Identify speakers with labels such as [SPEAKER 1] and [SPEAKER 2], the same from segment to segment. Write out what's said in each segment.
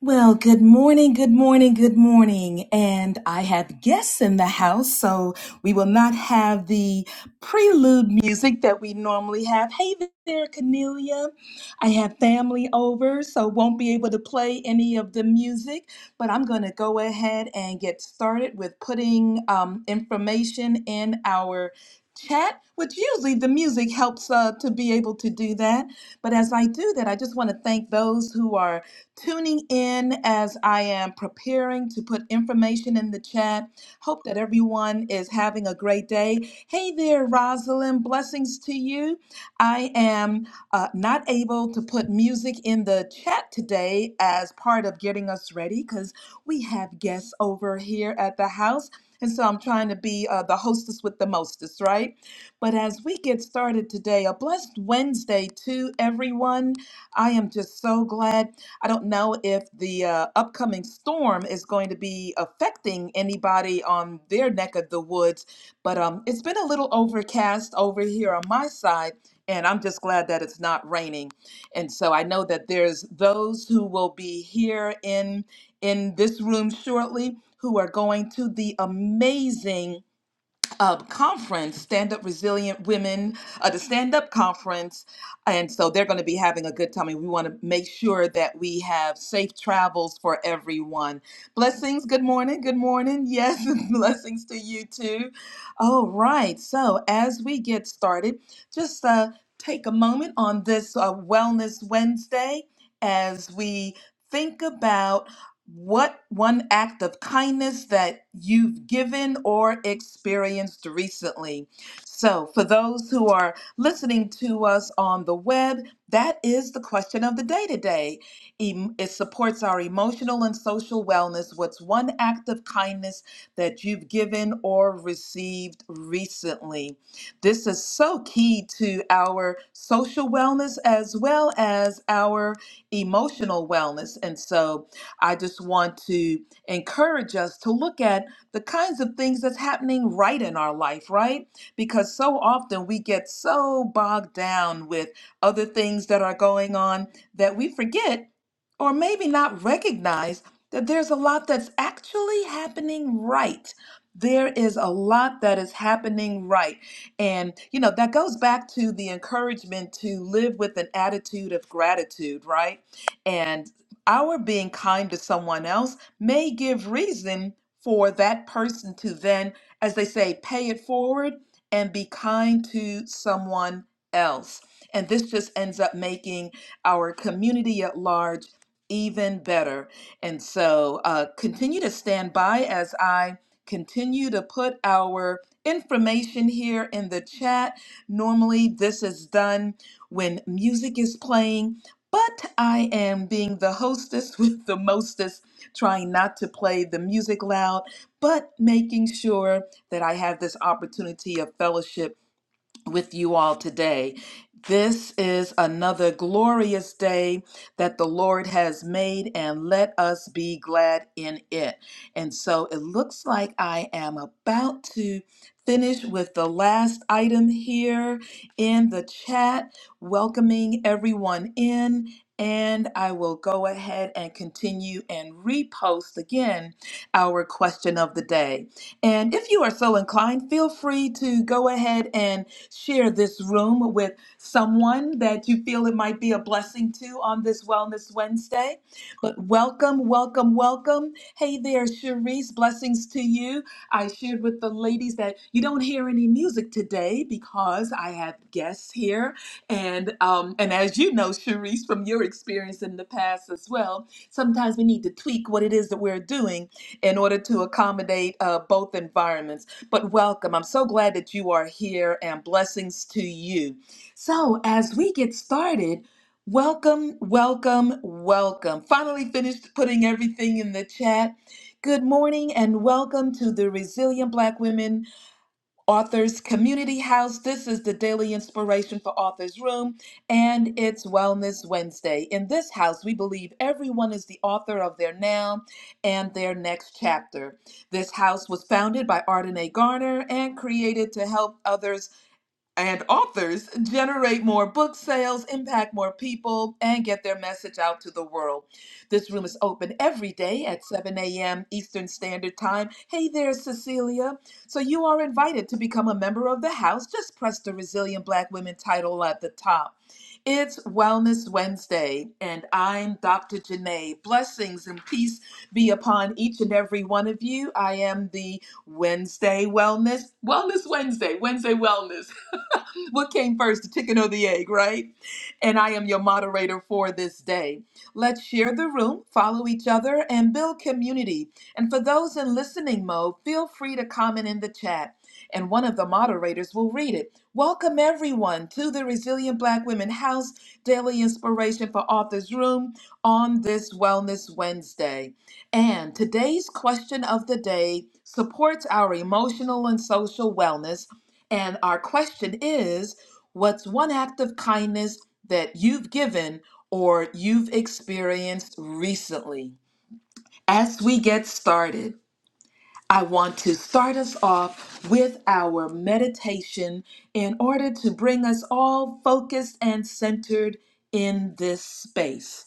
[SPEAKER 1] Well, good morning, good morning, good morning. And I have guests in the house, so we will not have the prelude music that we normally have. Hey there, Cornelia. I have family over, so won't be able to play any of the music, but I'm going to go ahead and get started with putting um, information in our chat, which usually the music helps uh, to be able to do that. But as I do that, I just want to thank those who are tuning in as I am preparing to put information in the chat. Hope that everyone is having a great day. Hey there, Rosalind. Blessings to you. I am uh, not able to put music in the chat today as part of getting us ready because we have guests over here at the house. And so I'm trying to be uh, the hostess with the mostest, right? But as we get started today, a blessed Wednesday to everyone. I am just so glad. I don't know if the uh, upcoming storm is going to be affecting anybody on their neck of the woods, but um, it's been a little overcast over here on my side, and I'm just glad that it's not raining. And so I know that there's those who will be here in in this room shortly who are going to the amazing uh, conference, Stand Up Resilient Women, uh, the Stand Up Conference. And so they're going to be having a good time. And we want to make sure that we have safe travels for everyone. Blessings. Good morning. Good morning. Yes. blessings to you too. All right. So as we get started, just uh, take a moment on this uh, Wellness Wednesday as we. Think about what one act of kindness that you've given or experienced recently. So, for those who are listening to us on the web, that is the question of the day today. Em- It supports our emotional and social wellness. What's one act of kindness that you've given or received recently? This is so key to our social wellness as well as our emotional wellness. And so, I just want to encourage us to look at the kinds of things that's happening right in our life, right? Because so often we get so bogged down with other things that are going on that we forget or maybe not recognize that there's a lot that's actually happening right. There is a lot that is happening right. And, you know, that goes back to the encouragement to live with an attitude of gratitude, right? And our being kind to someone else may give reason for that person to then, as they say, pay it forward and be kind to someone else. And this just ends up making our community at large even better. And so uh, continue to stand by as I continue to put our information here in the chat. Normally, this is done when music is playing but I am being the hostess with the mostest, trying not to play the music loud, but making sure that I have this opportunity of fellowship with you all today. This is another glorious day that the Lord has made, and let us be glad in it. And so it looks like I am about to finish with the last item here in the chat, welcoming everyone in. And I will go ahead and continue and repost again our question of the day. And if you are so inclined, feel free to go ahead and Share this room with someone that you feel it might be a blessing to on this Wellness Wednesday. But welcome, welcome, welcome. Hey there, Cherise. Blessings to you. I shared with the ladies that you don't hear any music today because I have guests here. And um, and as you know, Cherise, from your experience in the past as well, sometimes we need to tweak what it is that we're doing in order to accommodate uh, both environments. But welcome. I'm so glad that you are here and blessings to you. So, as we get started, welcome, welcome, welcome. Finally finished putting everything in the chat. Good morning and welcome to the Resilient Black Women Authors Community House. This is the daily inspiration for Authors Room, and it's Wellness Wednesday. In this house, we believe everyone is the author of their now and their next chapter. This house was founded by Arden A. Garner and created to help others and authors generate more book sales, impact more people, and get their message out to the world. This room is open every day at 7 a.m. Eastern Standard Time. Hey there, Cecilia. So you are invited to become a member of the house. Just press the Resilient Black Women title at the top. It's Wellness Wednesday, and I'm Dr. Janae. Blessings and peace be upon each and every one of you. I am the Wednesday Wellness, Wellness Wednesday, Wednesday Wellness what came first, the chicken or the egg, right? And I am your moderator for this day. Let's share the room, follow each other, and build community. And for those in listening mode, feel free to comment in the chat, and one of the moderators will read it. Welcome, everyone, to the Resilient Black Women House Daily Inspiration for Authors Room on this Wellness Wednesday. And today's question of the day supports our emotional and social wellness and our question is what's one act of kindness that you've given or you've experienced recently? As we get started, I want to start us off with our meditation in order to bring us all focused and centered in this space.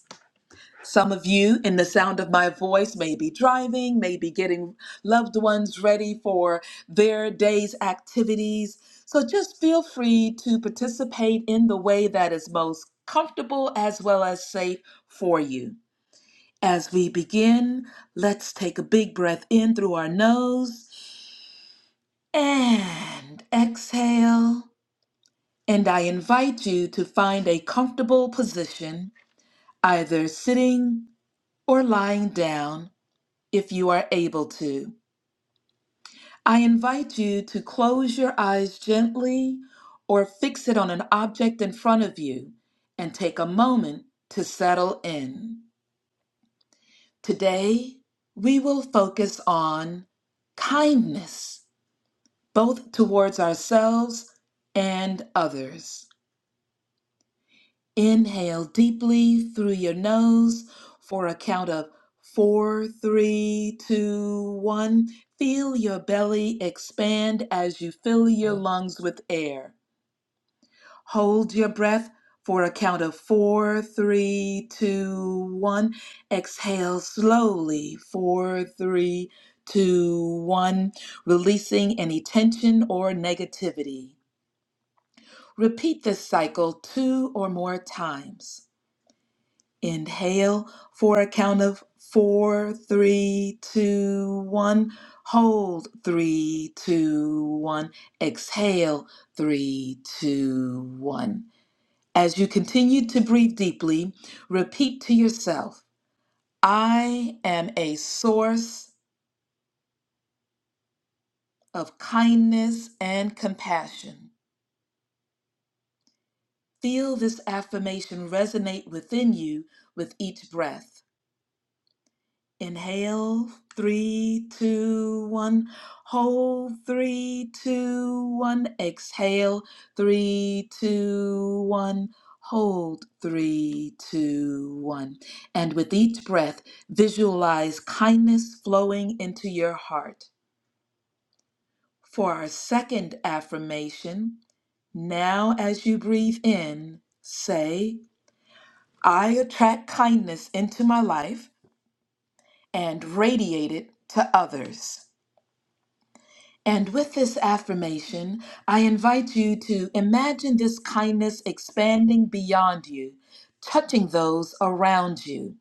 [SPEAKER 1] Some of you in the sound of my voice may be driving, may be getting loved ones ready for their day's activities. So just feel free to participate in the way that is most comfortable as well as safe for you. As we begin, let's take a big breath in through our nose and exhale. And I invite you to find a comfortable position, either sitting or lying down if you are able to. I invite you to close your eyes gently or fix it on an object in front of you and take a moment to settle in. Today, we will focus on kindness, both towards ourselves and others. Inhale deeply through your nose for a count of four, three, two, one. Feel your belly expand as you fill your lungs with air. Hold your breath for a count of four, three, two, one. Exhale slowly, four, three, two, one, releasing any tension or negativity. Repeat this cycle two or more times. Inhale for a count of four, three, two, one. Hold three, two, one. Exhale three, two, one. As you continue to breathe deeply, repeat to yourself I am a source of kindness and compassion. Feel this affirmation resonate within you with each breath. Inhale, three, two, one. Hold, three, two, one. Exhale, three, two, one. Hold, three, two, one. And with each breath, visualize kindness flowing into your heart. For our second affirmation, now as you breathe in, say, I attract kindness into my life and radiate it to others. And with this affirmation, I invite you to imagine this kindness expanding beyond you, touching those around you.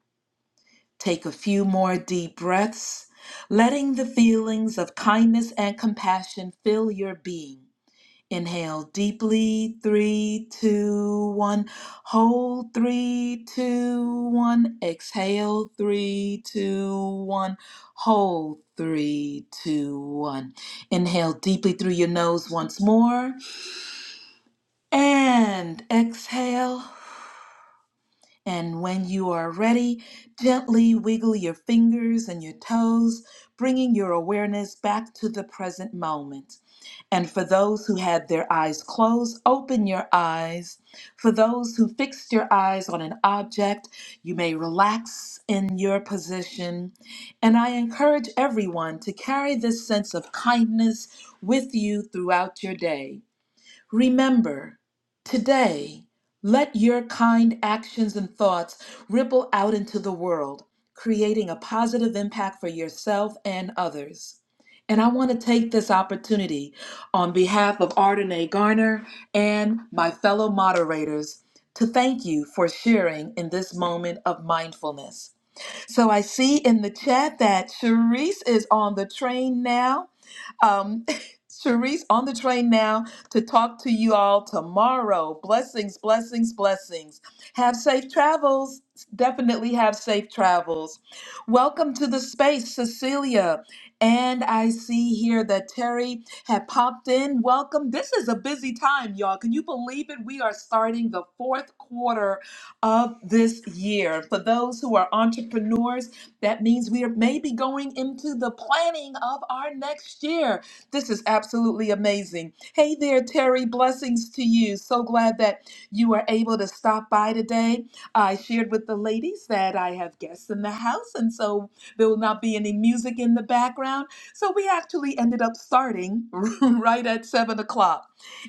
[SPEAKER 1] Take a few more deep breaths, letting the feelings of kindness and compassion fill your being. Inhale deeply, three, two, one. Hold, three, two, one. Exhale, three, two, one. Hold, three, two, one. Inhale deeply through your nose once more. And exhale. And when you are ready, gently wiggle your fingers and your toes, bringing your awareness back to the present moment. And for those who had their eyes closed, open your eyes. For those who fixed your eyes on an object, you may relax in your position. And I encourage everyone to carry this sense of kindness with you throughout your day. Remember, today, let your kind actions and thoughts ripple out into the world, creating a positive impact for yourself and others. And I want to take this opportunity on behalf of Ardenae Garner and my fellow moderators to thank you for sharing in this moment of mindfulness. So I see in the chat that Sharice is on the train now. Um, Sharice on the train now to talk to you all tomorrow. Blessings, blessings, blessings. Have safe travels. Definitely have safe travels. Welcome to the space, Cecilia. And I see here that Terry had popped in. Welcome. This is a busy time, y'all. Can you believe it? We are starting the fourth quarter of this year. For those who are entrepreneurs, that means we are maybe going into the planning of our next year. This is absolutely amazing. Hey there, Terry. Blessings to you. So glad that you are able to stop by today. I shared with the ladies that I have guests in the house, and so there will not be any music in the background. So we actually ended up starting right at seven o'clock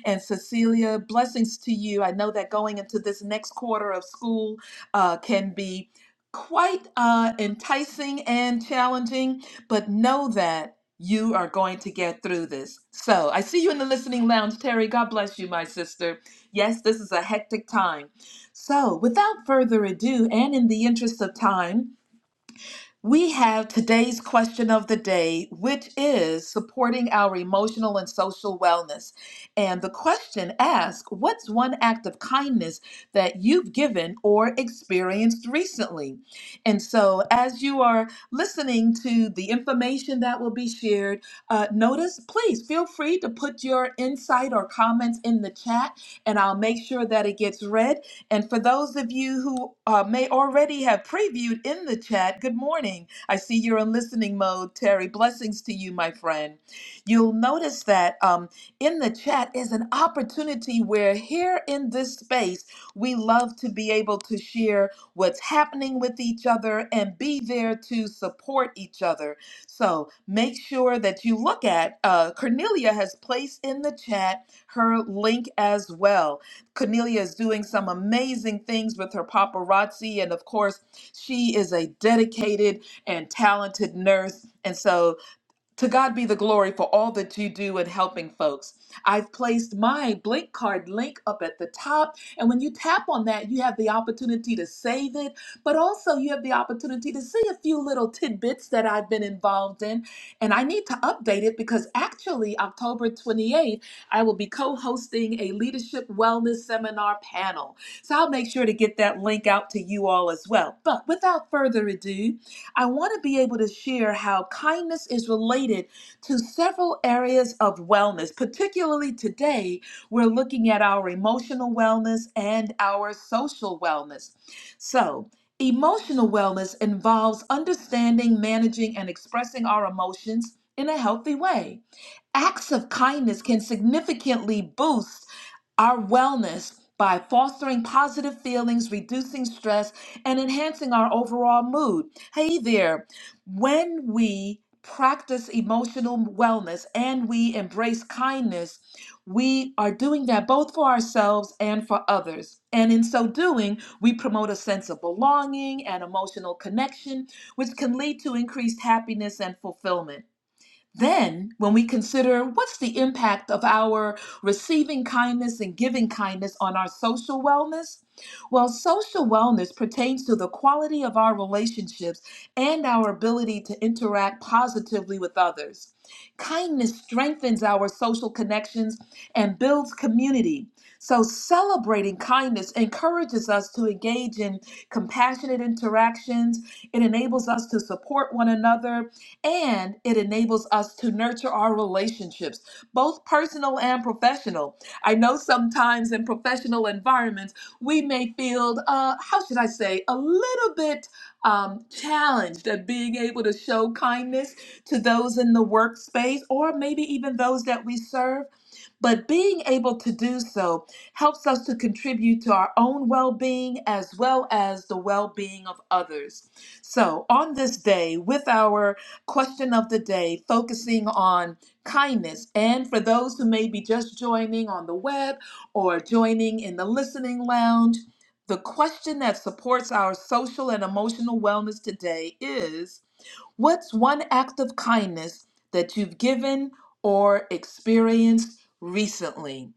[SPEAKER 1] and Cecilia. Blessings to you. I know that going into this next quarter of school uh, can be quite uh, enticing and challenging, but know that you are going to get through this. So I see you in the listening lounge, Terry. God bless you, my sister. Yes, this is a hectic time. So without further ado, and in the interest of time, we have today's question of the day, which is supporting our emotional and social wellness. And the question asks What's one act of kindness that you've given or experienced recently? And so, as you are listening to the information that will be shared, uh, notice please feel free to put your insight or comments in the chat, and I'll make sure that it gets read. And for those of you who uh, may already have previewed in the chat, good morning. I see you're in listening mode, Terry. Blessings to you, my friend. You'll notice that um, in the chat is an opportunity where, here in this space, we love to be able to share what's happening with each other and be there to support each other. So make sure that you look at uh, Cornelia has placed in the chat her link as well Cornelia is doing some amazing things with her paparazzi. And of course, she is a dedicated and talented nurse. And so to God be the glory for all that you do in helping folks. I've placed my Blink Card link up at the top. And when you tap on that, you have the opportunity to save it, but also you have the opportunity to see a few little tidbits that I've been involved in. And I need to update it because actually, October 28th, I will be co hosting a leadership wellness seminar panel. So I'll make sure to get that link out to you all as well. But without further ado, I want to be able to share how kindness is related to several areas of wellness. Particularly today, we're looking at our emotional wellness and our social wellness. So, emotional wellness involves understanding, managing, and expressing our emotions in a healthy way. Acts of kindness can significantly boost our wellness by fostering positive feelings, reducing stress, and enhancing our overall mood. Hey there, when we practice emotional wellness and we embrace kindness, we are doing that both for ourselves and for others. And in so doing, we promote a sense of belonging and emotional connection, which can lead to increased happiness and fulfillment. Then, when we consider what's the impact of our receiving kindness and giving kindness on our social wellness, well, social wellness pertains to the quality of our relationships and our ability to interact positively with others. Kindness strengthens our social connections and builds community. So, celebrating kindness encourages us to engage in compassionate interactions. It enables us to support one another and it enables us to nurture our relationships, both personal and professional. I know sometimes in professional environments, we may feel, uh, how should I say, a little bit um, challenged at being able to show kindness to those in the workspace or maybe even those that we serve. But being able to do so helps us to contribute to our own well being as well as the well being of others. So, on this day, with our question of the day, focusing on kindness, and for those who may be just joining on the web or joining in the listening lounge, the question that supports our social and emotional wellness today is What's one act of kindness that you've given or experienced recently?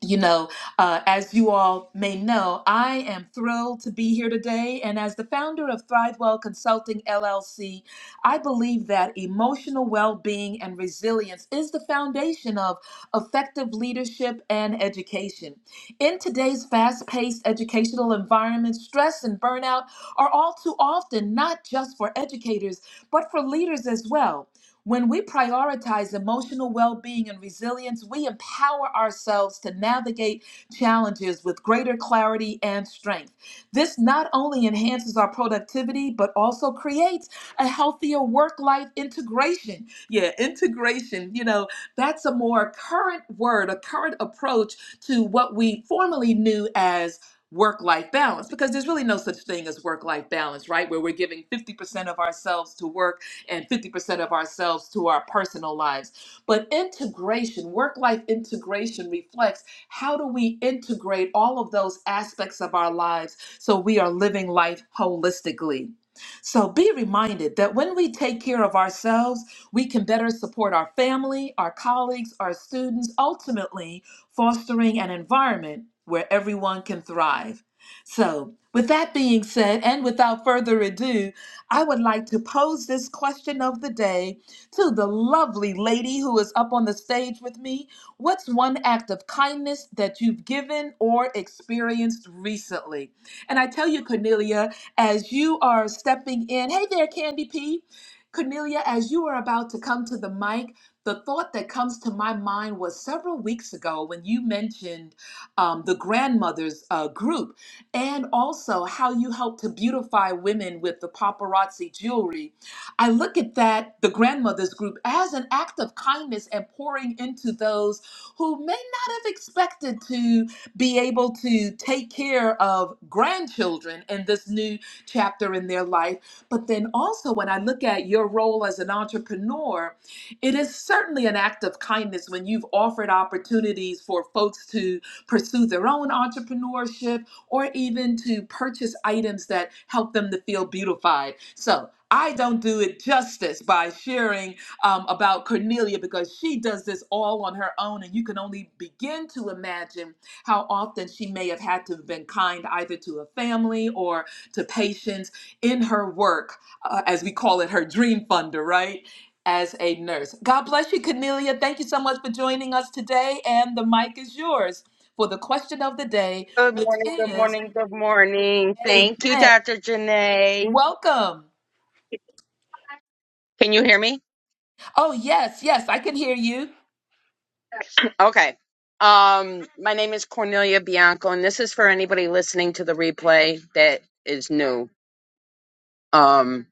[SPEAKER 1] you know, uh, as you all may know, I am thrilled to be here today. And as the founder of Thrivewell Consulting LLC, I believe that emotional well being and resilience is the foundation of effective leadership and education. In today's fast paced educational environment, stress and burnout are all too often not just for educators, but for leaders as well. When we prioritize emotional well being and resilience, we empower ourselves to navigate challenges with greater clarity and strength. This not only enhances our productivity, but also creates a healthier work life integration. Yeah, integration, you know, that's a more current word, a current approach to what we formerly knew as work life balance because there's really no such thing as work life balance, right? Where we're giving 50% of ourselves to work and 50% of ourselves to our personal lives. But integration, work life integration, reflects how do we integrate all of those aspects of our lives so we are living life holistically. So be reminded that when we take care of ourselves, we can better support our family, our colleagues, our students, ultimately fostering an environment where everyone can thrive. So, with that being said, and without further ado, I would like to pose this question of the day to the lovely lady who is up on the stage with me. What's one act of kindness that you've given or experienced recently? And I tell you, Cornelia, as you are stepping in, hey there, Candy P. Cornelia, as you are about to come to the mic, the thought that comes to my mind was several weeks ago when you mentioned um, the grandmother's uh, group and also how you help to beautify women with the paparazzi jewelry. I look at that, the grandmothers group, as an act of kindness and pouring into those who may not have expected to be able to take care of grandchildren in this new chapter in their life. But then also, when I look at your role as an entrepreneur, it is certainly an act of kindness when you've offered opportunities for folks to pursue their own entrepreneurship or even to purchase items that help them to feel beautified. So I don't do it justice by sharing um, about Cornelia because she does this all on her own, and you can only begin to imagine how often she may have had to have been kind either to a family or to patients in her work, uh, as we call it, her dream funder, right? As a nurse. God bless you, Cornelia. Thank you so much for joining us today, and the mic is yours for the question of the day
[SPEAKER 2] Good
[SPEAKER 1] which
[SPEAKER 2] morning, good
[SPEAKER 1] is
[SPEAKER 2] morning, good morning. Thank you,
[SPEAKER 1] Amen.
[SPEAKER 2] Dr. Janae.
[SPEAKER 1] Welcome.
[SPEAKER 2] Can you hear me?
[SPEAKER 1] Oh, yes, yes, I can hear you.
[SPEAKER 2] Okay. Um, my name is Cornelia Bianco, and this is for anybody listening to the replay that is new. Um,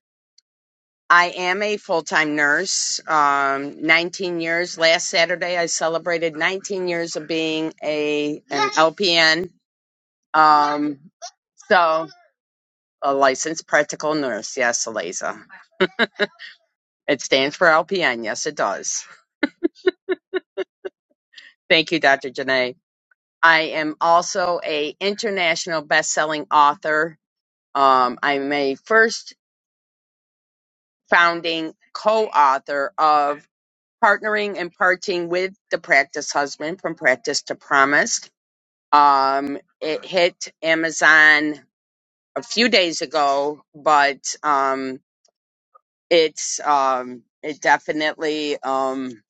[SPEAKER 2] I am a full time nurse, um, 19 years. Last Saturday, I celebrated 19 years of being a an LPN. Um, so, a licensed practical nurse. Yes, Eliza. It stands for LPN. Yes, it does. Thank you, Dr. Janae. I am also a international best-selling author. Um, I'm a first founding co-author of Partnering and Parting with the Practice Husband from Practice to Promise. Um, it hit Amazon a few days ago, but um, it's um, it definitely um,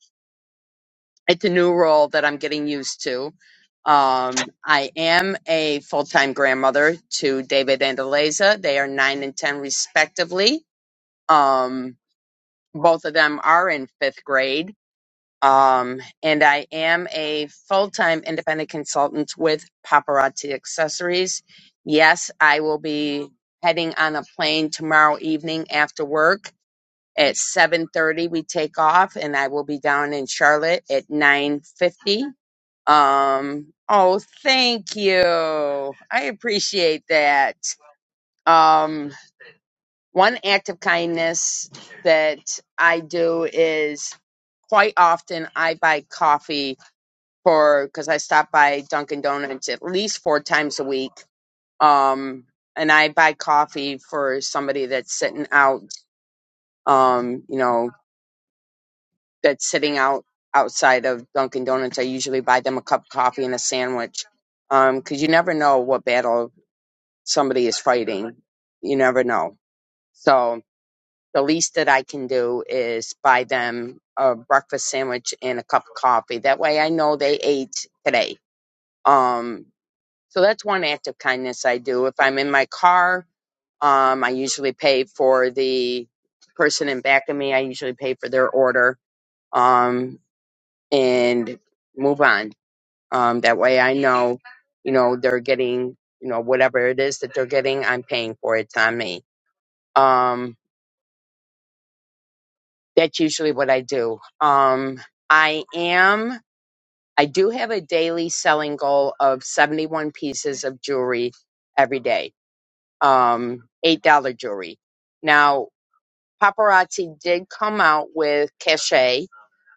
[SPEAKER 2] it's a new role that I'm getting used to. Um, I am a full time grandmother to David and Eliza. They are nine and 10, respectively. Um, both of them are in fifth grade. Um, and I am a full time independent consultant with Paparazzi Accessories. Yes, I will be heading on a plane tomorrow evening after work at 7.30 we take off and i will be down in charlotte at 9:50. Um, oh, thank you. I appreciate that. Um, one act of kindness that I do is quite often I buy coffee for because I stop by Dunkin' Donuts at least four times a week. Um, and I buy coffee for somebody that's sitting out, um, you know, that's sitting out outside of Dunkin' Donuts. I usually buy them a cup of coffee and a sandwich Um, 'cause because you never know what battle somebody is fighting. You never know. So the least that I can do is buy them a breakfast sandwich and a cup of coffee. That way I know they ate today. Um, so that's one act of kindness I do. If I'm in my car, um, I usually pay for the person in back of me. I usually pay for their order um, and move on. Um, that way I know, you know, they're getting, you know, whatever it is that they're getting, I'm paying for it. It's on me Um, that's usually what I do. Um, I am, I do have a daily selling goal of 71 pieces of jewelry every day, um, $8 jewelry. Now, paparazzi did come out with cachet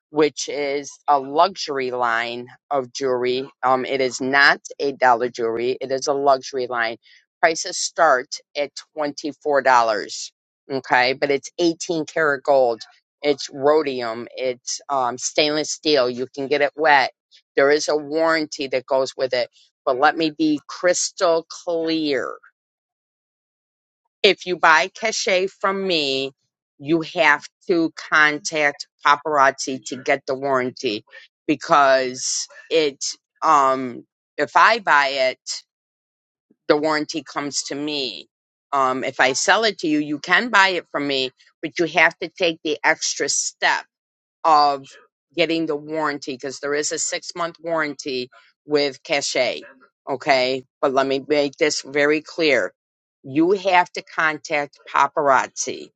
[SPEAKER 2] which is a luxury line of jewelry. Um, it is not a dollar jewelry. It is a luxury line. Prices start at $24. Okay. But it's 18 karat gold. It's rhodium. It's um, stainless steel. You can get it wet. There is a warranty that goes with it. But let me be crystal clear if you buy cachet from me, you have to contact paparazzi to get the warranty because it um if I buy it, the warranty comes to me. Um if I sell it to you, you can buy it from me, but you have to take the extra step of getting the warranty because there is a six month warranty with Cache, Okay. But let me make this very clear. You have to contact paparazzi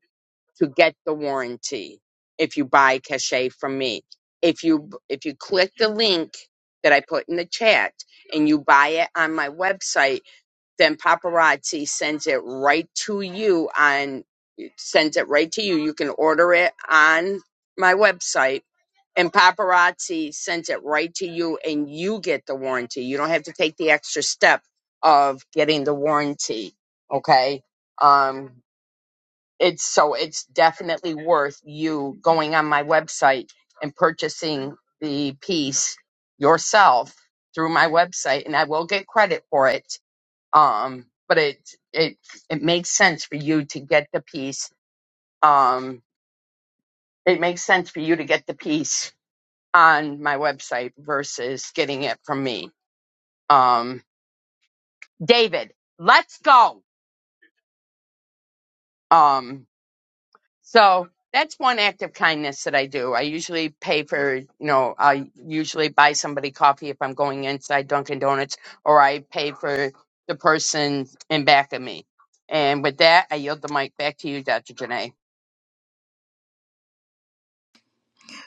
[SPEAKER 2] to get the warranty if you buy Cache from me. If you if you click the link that I put in the chat and you buy it on my website, then paparazzi sends it right to you on sends it right to you. You can order it on my website and paparazzi sends it right to you and you get the warranty. You don't have to take the extra step of getting the warranty. Okay. Um, it's so it's definitely worth you going on my website and purchasing the piece yourself through my website and I will get credit for it. Um, but it, it, it makes sense for you to get the piece. Um, it makes sense for you to get the piece on my website versus getting it from me. Um, David, let's go. Um, so that's one act of kindness that I do. I usually pay for, you know, I usually buy somebody coffee if I'm going inside Dunkin' Donuts, or I pay for the person in back of me. And with that, I yield the mic back to you, Dr. Janae.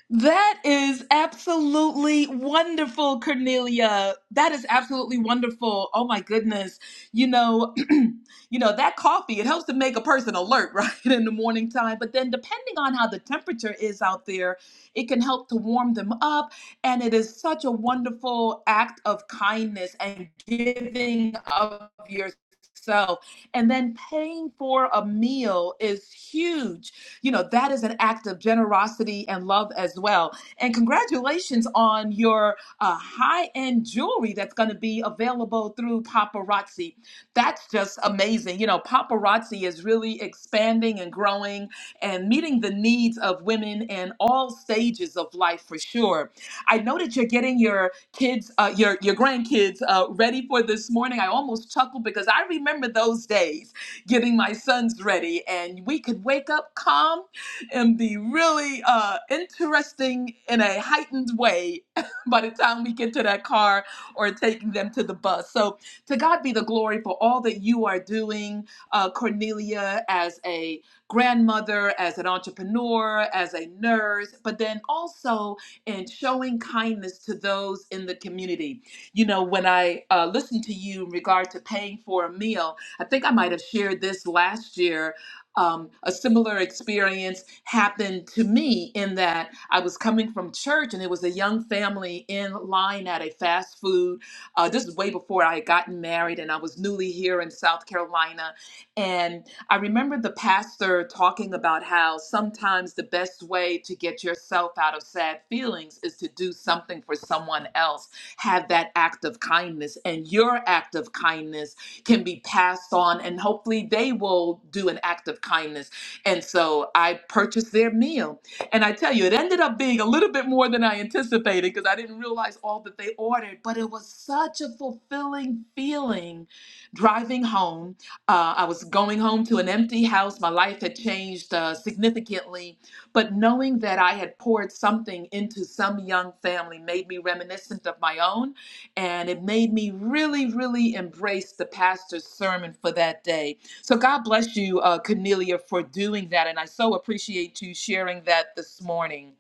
[SPEAKER 1] That is absolutely wonderful, Cornelia. That is absolutely wonderful. Oh my goodness. You know, you know, that coffee, it helps to make a person alert, right? In the morning time. But then depending on how the temperature is out there, it can help to warm them up. And it is such a wonderful act of kindness and giving of yourself. And then paying for a meal is huge you know, that is an act of generosity and love as well. And congratulations on your uh, high end jewelry that's going to be available through Paparazzi. That's just amazing. You know, Paparazzi is really expanding and growing and meeting the needs of women in all stages of life for sure. I know that you're getting your kids, uh, your your grandkids, uh, ready for this morning. I almost chuckled because I remember those days getting my sons ready. And we could wake up calm and be really uh, interesting in a heightened way by the time we get to that car or taking them to the bus. So to God be the glory for all that you are doing, uh, Cornelia, as a grandmother, as an entrepreneur, as a nurse, but then also in showing kindness to those in the community. You know, when I uh, listened to you in regard to paying for a meal, I think I might have shared this last year. Um, a similar experience happened to me in that I was coming from church and it was a young family in line at a fast food. Uh, this is way before I had gotten married and I was newly here in South Carolina. And I remember the pastor talking about how sometimes the best way to get yourself out of sad feelings is to do something for someone else. Have that act of kindness. And your act of kindness can be passed on and hopefully they will do an act of kindness. And so I purchased their meal. And I tell you, it ended up being a little bit more than I anticipated because I didn't realize all that they ordered, but it was such a fulfilling feeling driving home. Uh, I was going home to an empty house. My life had changed uh, significantly, but knowing that I had poured something into some young family made me reminiscent of my own and it made me really, really embrace the pastor's sermon for that day. So God bless you, uh, Cornelia, for doing that, and I so appreciate you sharing that this morning.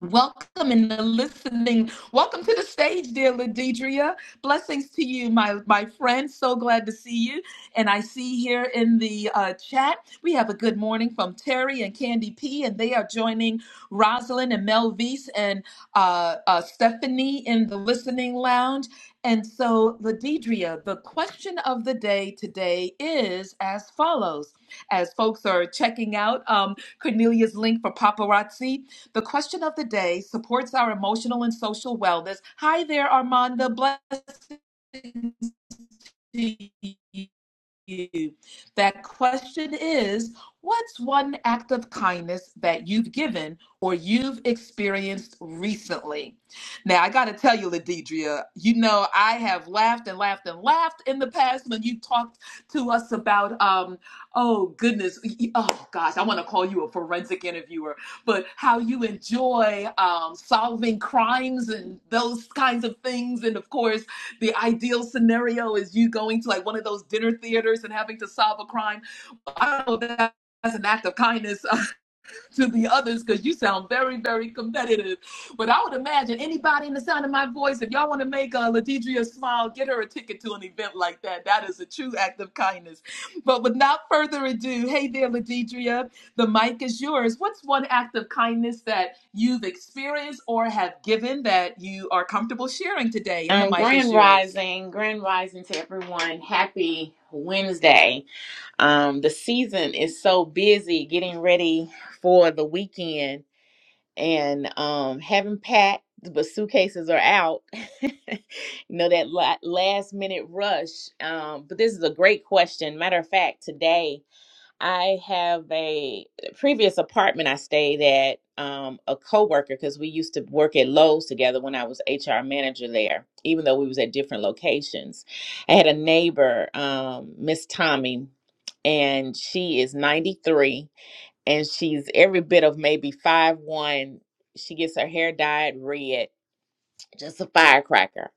[SPEAKER 1] Welcome in the listening. Welcome to the stage, dear Ladidria. Blessings to you, my, my friend. So glad to see you. And I see here in the uh, chat, we have a good morning from Terry and Candy P, and they are joining Rosalind and Melvise and uh, uh, Stephanie in the listening lounge. And so, Ladidria, the question of the day today is as follows. As folks are checking out um, Cornelia's link for paparazzi, the question of the day supports our emotional and social wellness. Hi there, Armanda. Blessings to you. That question is What's one act of kindness that you've given or you've experienced recently? Now, I got to tell you, Ladidria, you know, I have laughed and laughed and laughed in the past when you talked to us about, um, oh goodness, oh gosh, I want to call you a forensic interviewer, but how you enjoy um, solving crimes and those kinds of things. And of course, the ideal scenario is you going to like one of those dinner theaters and having to solve a crime. I don't know that that's an act of kindness uh, to the others because you sound very, very competitive. But I would imagine anybody in the sound of my voice, if y'all want to make uh, Ladidria smile, get her a ticket to an event like that. That is a true act of kindness. But without further ado, hey there, Ladidria, the mic is yours. What's one act of kindness that you've experienced or have given that you are comfortable sharing today? And the
[SPEAKER 3] Um,
[SPEAKER 1] mic
[SPEAKER 3] grand
[SPEAKER 1] is yours.
[SPEAKER 3] rising, grand rising to everyone. Happy Wednesday. Um, the season is so busy getting ready for the weekend and um, haven't packed, but suitcases are out. you know, that la- last minute rush. Um, but this is a great question. Matter of fact, today, I have a previous apartment I stayed at. Um, a coworker because we used to work at Lowe's together when I was HR manager there, even though we was at different locations. I had a neighbor, um, Miss Tommy, and she is 93 and she's every bit of maybe five one. She gets her hair dyed red, just a firecracker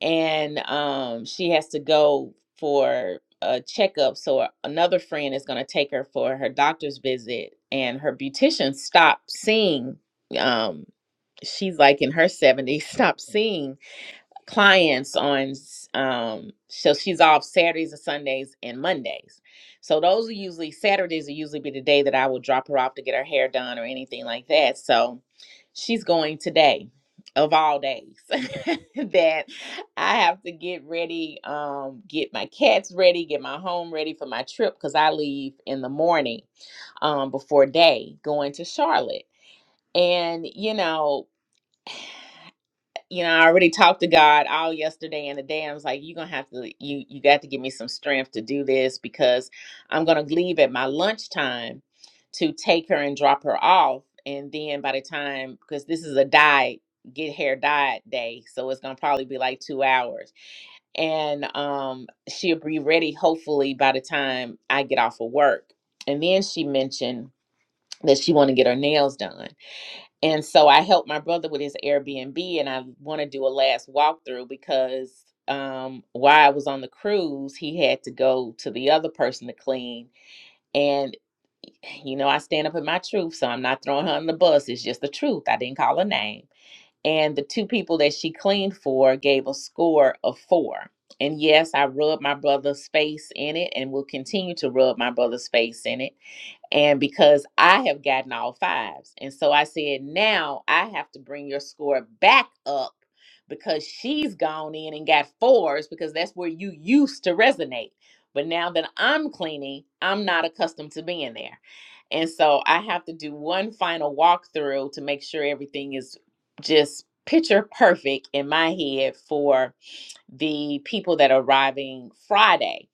[SPEAKER 3] and um, she has to go for a checkup. So a- another friend is going to take her for her doctor's visit, and her beautician stopped seeing. Um, she's like in her seventies, stopped seeing clients on um so she's off Saturdays and Sundays and Mondays. So those are usually Saturdays will usually be the day that I will drop her off to get her hair done or anything like that. So she's going today of all days that I have to get ready, um, get my cats ready, get my home ready for my trip because I leave in the morning um before day going to Charlotte. And you know, you know, I already talked to God all yesterday and the day. I was like, you're gonna have to you you got to give me some strength to do this because I'm gonna leave at my lunchtime to take her and drop her off. And then by the time because this is a dye, get hair dyed day. So it's gonna probably be like two hours. And um she'll be ready hopefully by the time I get off of work. And then she mentioned that she wanna get her nails done. And so I helped my brother with his Airbnb, and I want to do a last walkthrough because um, while I was on the cruise, he had to go to the other person to clean. And, you know, I stand up in my truth, so I'm not throwing her on the bus. It's just the truth. I didn't call her name. And the two people that she cleaned for gave a score of four. And yes, I rubbed my brother's face in it and will continue to rub my brother's face in it and because I have gotten all fives. And so I said, now I have to bring your score back up because she's gone in and got fours because that's where you used to resonate. But now that I'm cleaning, I'm not accustomed to being there. And so I have to do one final walkthrough to make sure everything is just picture perfect in my head for the people that are arriving Friday.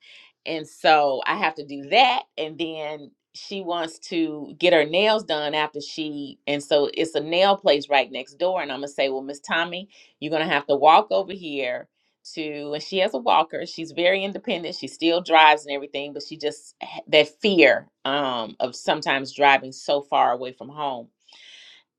[SPEAKER 3] And so I have to do that. And then she wants to get her nails done after she, and so it's a nail place right next door. And I'm going to say, well, Miss Tommy, you're going to have to walk over here to, and she has a walker. She's very independent. She still drives and everything, but she just, h- that fear um, of sometimes driving so far away from home.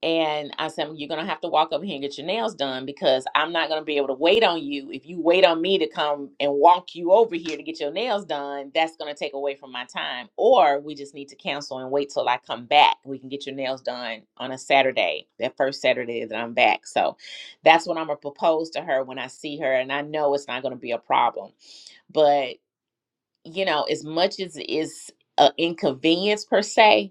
[SPEAKER 3] And I said, "Well, You're going to have to walk over here and get your nails done because I'm not going to be able to wait on you. If you wait on me to come and walk you over here to get your nails done, that's going to take away from my time. Or we just need to cancel and wait till I come back. We can get your nails done on a Saturday, that first Saturday that I'm back. So that's what I'm going to propose to her when I see her. And I know it's not going to be a problem. But, you know, as much as it's an inconvenience per se,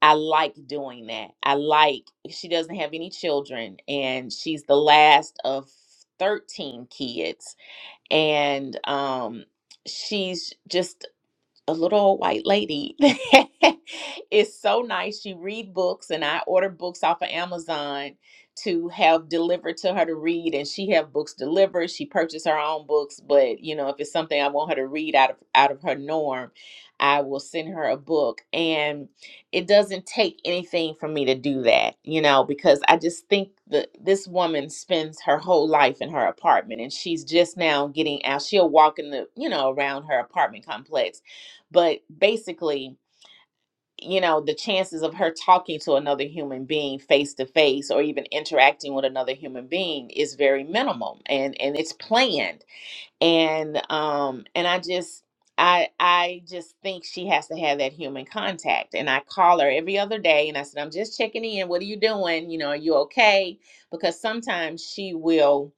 [SPEAKER 3] I like doing that. I like she doesn't have any children and she's the last of 13 kids and um she's just a little old white lady that is so nice. She read books, and I order books off of Amazon to have delivered to her to read, and she have books delivered. She purchased her own books, but you know, if it's something I want her to read out of out of her norm, I will send her a book, and it doesn't take anything for me to do that, you know, because I just think that this woman spends her whole life in her apartment, and she's just now getting out. She'll walk in the, you know, around her apartment complex but basically you know the chances of her talking to another human being face to face or even interacting with another human being is very minimum and and it's planned and um and i just i i just think she has to have that human contact and i call her every other day and i said i'm just checking in what are you doing you know are you okay because sometimes she will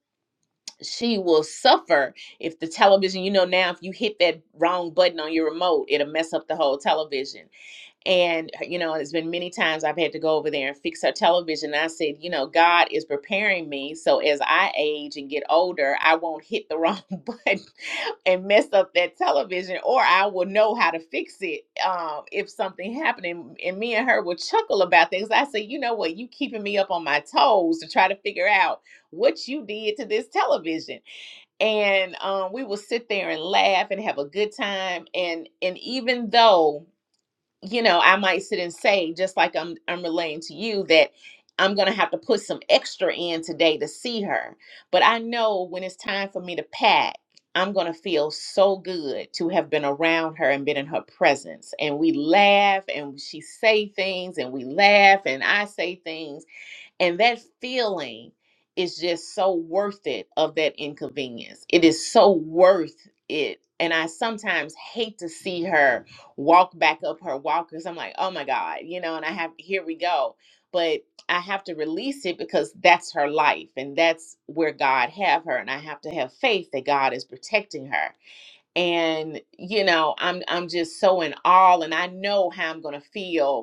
[SPEAKER 3] she will suffer if the television you know now if you hit that wrong button on your remote it'll mess up the whole television and, uh, you know, it's been many times I've had to go over there and fix her television. I said, you know, God is preparing me. So as I age and get older, I won't hit the wrong button and mess up that television, or I will know how to fix it um, if something happened. And, and me and her would chuckle about things. I said, you know what? You keeping me up on my toes to try to figure out what you did to this television and um, we will sit there and laugh and have a good time and and even though you know, I might sit and say, just like I'm I'm relaying to you, that I'm gonna have to put some extra in today to see her. But I know when it's time for me to pack, I'm gonna feel so good to have been around her and been in her presence. And we laugh and she say things and we laugh and I say things and that feeling is just so worth it of that inconvenience. It is so worth it. And I sometimes hate to see her walk back up her walkers. I'm like, oh my God, you know, and I have, here we go. But I have to release it because that's her life and that's where God have her. And I have to have faith that God is protecting her. And, you know, I'm I'm just so in awe and I know how I'm gonna feel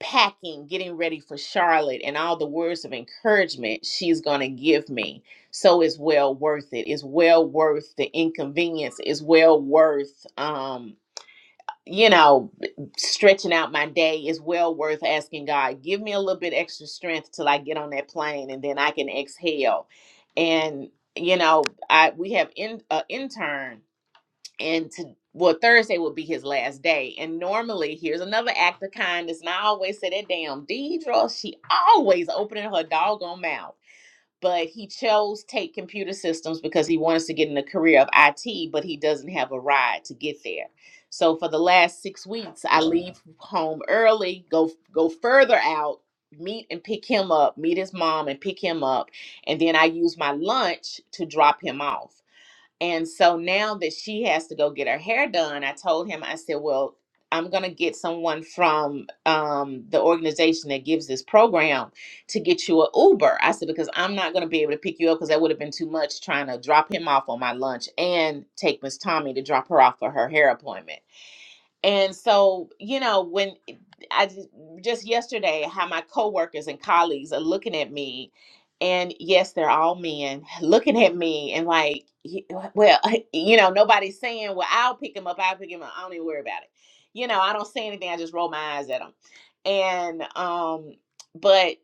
[SPEAKER 3] packing, getting ready for Charlotte, and all the words of encouragement she's going to give me. So it's well worth it. It's well worth the inconvenience. It's well worth, um, you know, stretching out my day. It's well worth asking God, give me a little bit extra strength till I get on that plane, and then I can exhale. And you know, I we have in, an intern and to well Thursday would be his last day. And normally, here's another act of kindness. And I always say that damn Deidre, she always opening her doggone mouth. But he chose Take Computer Systems because he wants to get in the career of IT, but he doesn't have a ride to get there. So for the last six weeks, I leave home early, go go further out, meet and pick him up, meet his mom and pick him up, and then I use my lunch to drop him off. And so now that she has to go get her hair done, I told him, I said, well, I'm going to get someone from um, the organization that gives this program to get you a Uber. I said, because I'm not going to be able to pick you up because that would have been too much trying to drop him off on my lunch and take Miss Tommy to drop her off for her hair appointment. And so, you know, when eh, I just, just yesterday, how my coworkers and colleagues are looking at me, and yes, they're all men looking at me and like, "Y- well, you know, nobody's saying, well, I'll pick him up, I'll pick him up. I don't even worry about it. You know, I don't say anything. I just roll my eyes at them. And, um, but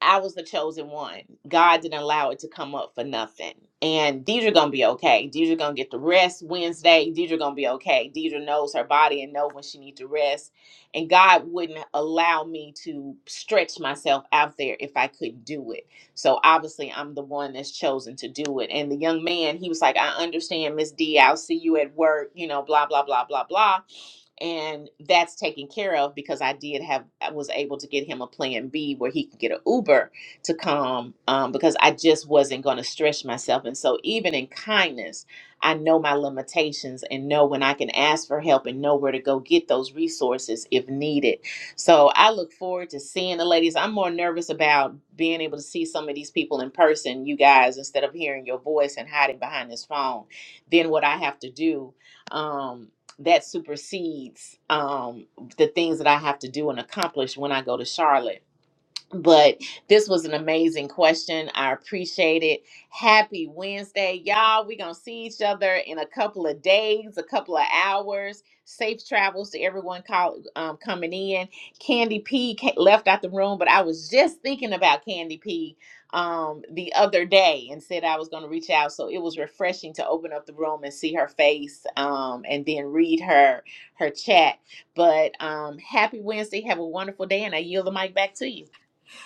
[SPEAKER 3] I was the chosen one. God didn't allow it to come up for nothing. And Deidre gonna be okay. Deidre gonna get the rest Wednesday. Deidre gonna be okay. Deidre knows her body and know when she needs to rest. And God wouldn't allow me to stretch myself out there if I couldn't do it. So obviously I'm the one that's chosen to do it. And the young man, he was like, I understand, Miss D, I'll see you at work, you know, blah, blah, blah, blah, blah and that's taken care of because I did have I was able to get him a plan B where he could get an Uber to come um, because I just wasn't going to stretch myself. And so even in kindness, I know my limitations and know when I can ask for help and know where to go get those resources if needed. So I look forward to seeing the ladies. I'm more nervous about being able to see some of these people in person, you guys, instead of hearing your voice and hiding behind this phone, Then what I have to do. Um, that supersedes um, the things that I have to do and accomplish when I go to Charlotte but this was an amazing question. I appreciate it. Happy Wednesday, y'all. We're going to see each other in a couple of days, a couple of hours. Safe travels to everyone call, um, coming in. Candy P ca- left out the room, but I was just thinking about Candy P um, the other day and said I was going to reach out. So it was refreshing to open up the room and see her face um, and then read her her chat. But um, happy Wednesday. Have a wonderful day, and I yield the mic back to you.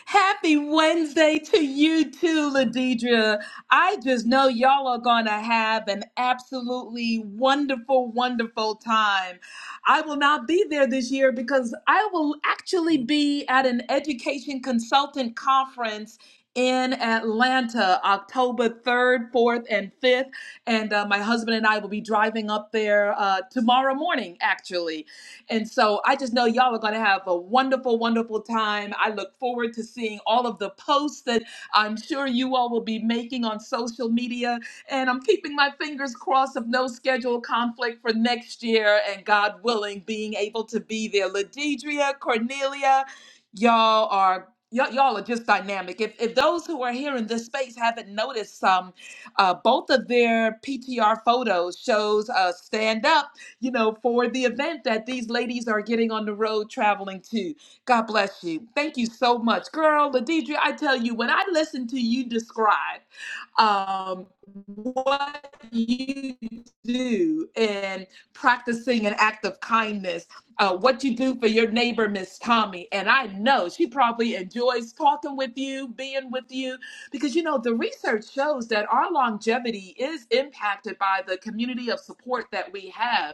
[SPEAKER 1] Happy Wednesday to you too, Ladidra. I just know y'all are going to have an absolutely wonderful, wonderful time. I will not be there this year because I will actually be at an education consultant conference in Atlanta, October 3rd, 4th, and 5th. And uh, my husband and I will be driving up there uh, tomorrow morning, actually. And so I just know y'all are going to have a wonderful, wonderful time. I look forward to seeing all of the posts that I'm sure you all will be making on social media. And I'm keeping my fingers crossed of no schedule conflict for next year and God willing, being able to be there. Ladidria, Cornelia, y'all are. y'all y'all are just dynamic. If, if those who are here in this space haven't noticed, um, uh, both of their PTR photos shows uh, stand up you know, for the event that these ladies are getting on the road traveling to. God bless you. Thank you so much. Girl, Ladidra, I tell you, when I listen to you describe um, what you do in practicing an act of kindness, uh, what you do for your neighbor, Miss Tommy. And I know she probably enjoys talking with you, being with you, because you know, the research shows that our longevity is impacted by the community of support that we have.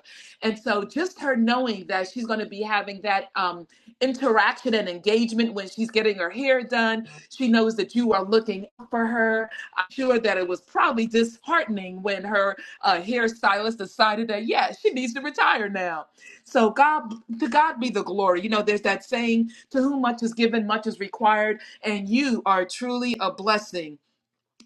[SPEAKER 1] And so just her knowing that she's going to be having that um, interaction and engagement when she's getting her hair done, she knows that you are looking for her. I'm sure that it was probably disheartening when her uh, hairstylist decided that, yeah, she needs to retire now. So God, to God be the glory. You know, there's that saying, to whom much is given, much is required. And you are truly a blessing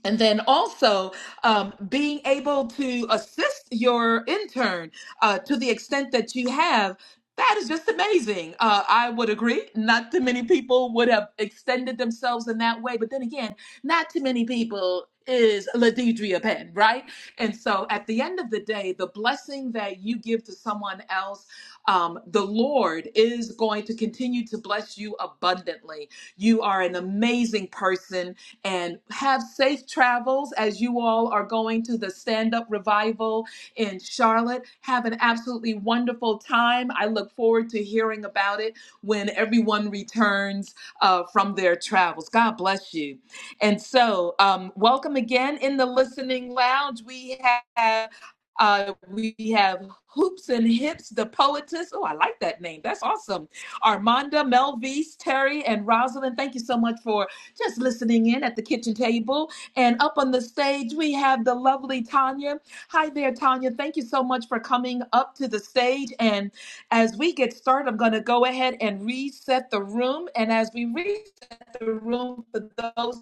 [SPEAKER 1] and then also um, being able to assist your intern uh, to the extent that you have that is just amazing uh, i would agree not too many people would have extended themselves in that way but then again not too many people is ladidria pen right and so at the end of the day the blessing that you give to someone else um, the lord is going to continue to bless you abundantly you are an amazing person and have safe travels as you all are going to the stand up revival in Charlotte. Have an absolutely wonderful time. I look forward to hearing about it when everyone returns uh, from their travels. God bless you. And so, um, welcome again in the listening lounge. We have. Uh, we have Hoops and Hips, the poetess. Oh, I like that name. That's awesome. Armanda, Melvise, Terry, and Rosalind, thank you so much for just listening in at the kitchen table. And up on the stage, we have the lovely Tanya. Hi there, Tanya. Thank you so much for coming up to the stage. And as we get started, I'm going to go ahead and reset the room. And as we reset the room, for those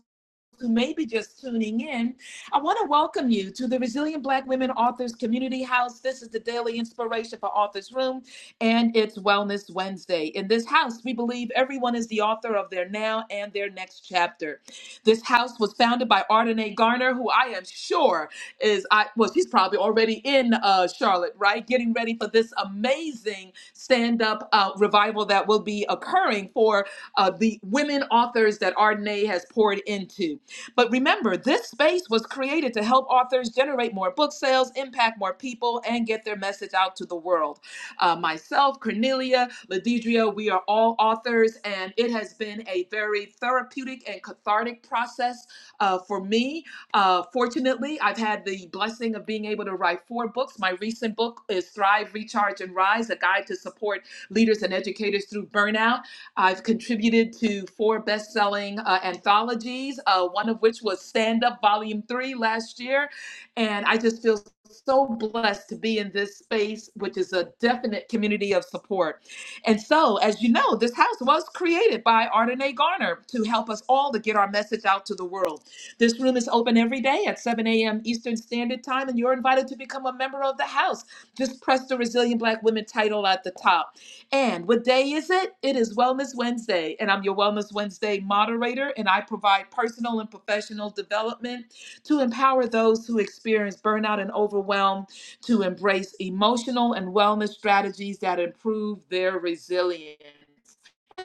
[SPEAKER 1] who may be just tuning in, I want to welcome you to the Resilient Black Women Authors Community House. This is the daily inspiration for Authors Room, and it's Wellness Wednesday. In this house, we believe everyone is the author of their now and their next chapter. This house was founded by Ardenae Garner, who I am sure is, I well, she's probably already in uh, Charlotte, right? Getting ready for this amazing stand up uh, revival that will be occurring for uh, the women authors that Ardenae has poured into. But remember, this space was created to help authors generate more book sales, impact more people, and get their message out to the world. Uh, myself, Cornelia, Ladidria, we are all authors, and it has been a very therapeutic and cathartic process uh, for me. Uh, fortunately, I've had the blessing of being able to write four books. My recent book is Thrive, Recharge, and Rise A Guide to Support Leaders and Educators Through Burnout. I've contributed to four best selling uh, anthologies, uh, one of which was Stand Up Volume 3 last year. And I just feel so blessed to be in this space, which is a definite community of support. And so, as you know, this house was created by Ardenae Garner to help us all to get our message out to the world. This room is open every day at 7 a.m. Eastern Standard Time, and you're invited to become a member of the house. Just press the Resilient Black Women title at the top. And what day is it? It is Wellness Wednesday, and I'm your Wellness Wednesday moderator, and I provide personal and professional development to empower those who experience burnout and overwhelm to embrace emotional and wellness strategies that improve their resilience.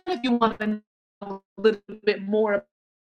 [SPEAKER 1] If you want to know a little bit more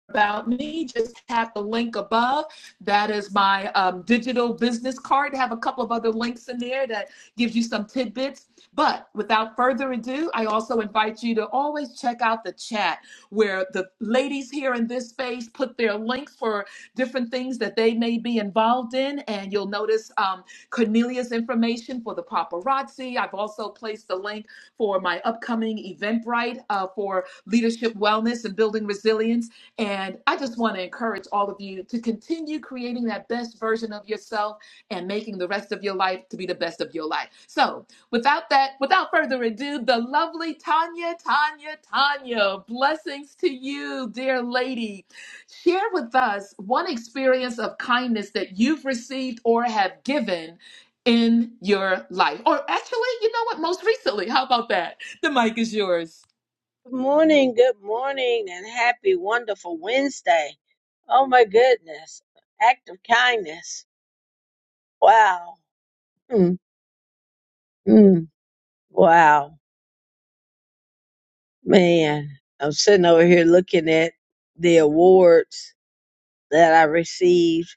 [SPEAKER 1] about me, just tap the link above. That is my um, digital business card. I have a couple of other links in there that gives you some tidbits. But without further ado, I also invite you to always check out the chat where the ladies here in this space put their links for different things that they may be involved in. And you'll notice um, Cornelia's information for the paparazzi. I've also placed the link for my upcoming Eventbrite uh, for leadership wellness and building resilience and I just want to encourage all of you to continue creating that best version of yourself and making the rest of your life to be the best of your life. So, without that, without further ado, the lovely Tanya, Tanya, Tanya, blessings to you, dear lady. Share with us one experience of kindness that you've received or have given in your life. Or actually, you know what, most recently. How about that? The mic is yours.
[SPEAKER 4] Good morning, good morning, and happy, wonderful Wednesday. Oh my goodness. Act of kindness. Wow. Mm, mm, wow. Man, I'm sitting over here looking at the awards that I received,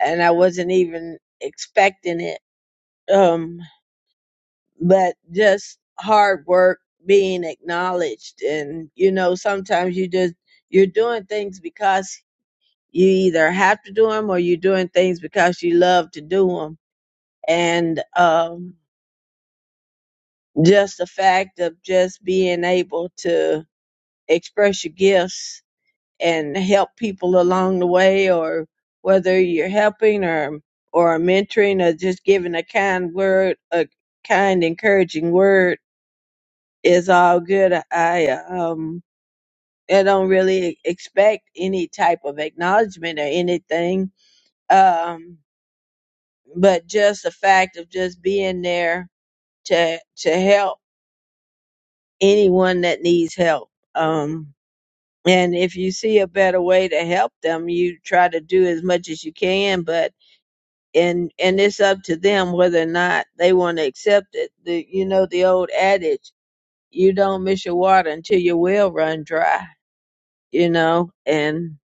[SPEAKER 4] and I wasn't even expecting it. Um, but just hard work being acknowledged. And, you know, sometimes you just, you're doing things because You either have to do them or you're doing things because you love to do them. And um, just the fact of just being able to express your gifts and help people along the way, or whether you're helping or or mentoring or just giving a kind word, a kind encouraging word is all good. I um I don't really expect any type of acknowledgement or anything. Um, but just the fact of just being there to to help anyone that needs help um and if you see a better way to help them you try to do as much as you can but and and it's up to them whether or not they want to accept it the you know the old adage you don't miss your water until your well run dry you know and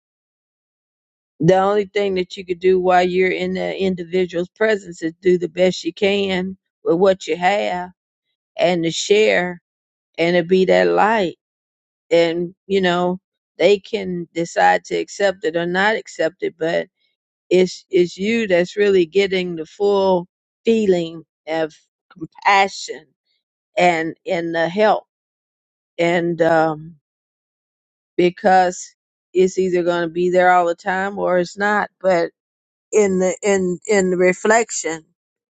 [SPEAKER 4] the only thing that you could do while you're in the individual's presence is do the best you can with what you have and to share and to be that light. And, you know, they can decide to accept it or not accept it, but it's, it's you that's really getting the full feeling of compassion and, and the help. And, um, because it's either going to be there all the time or it's not, but in the, in, in the reflection,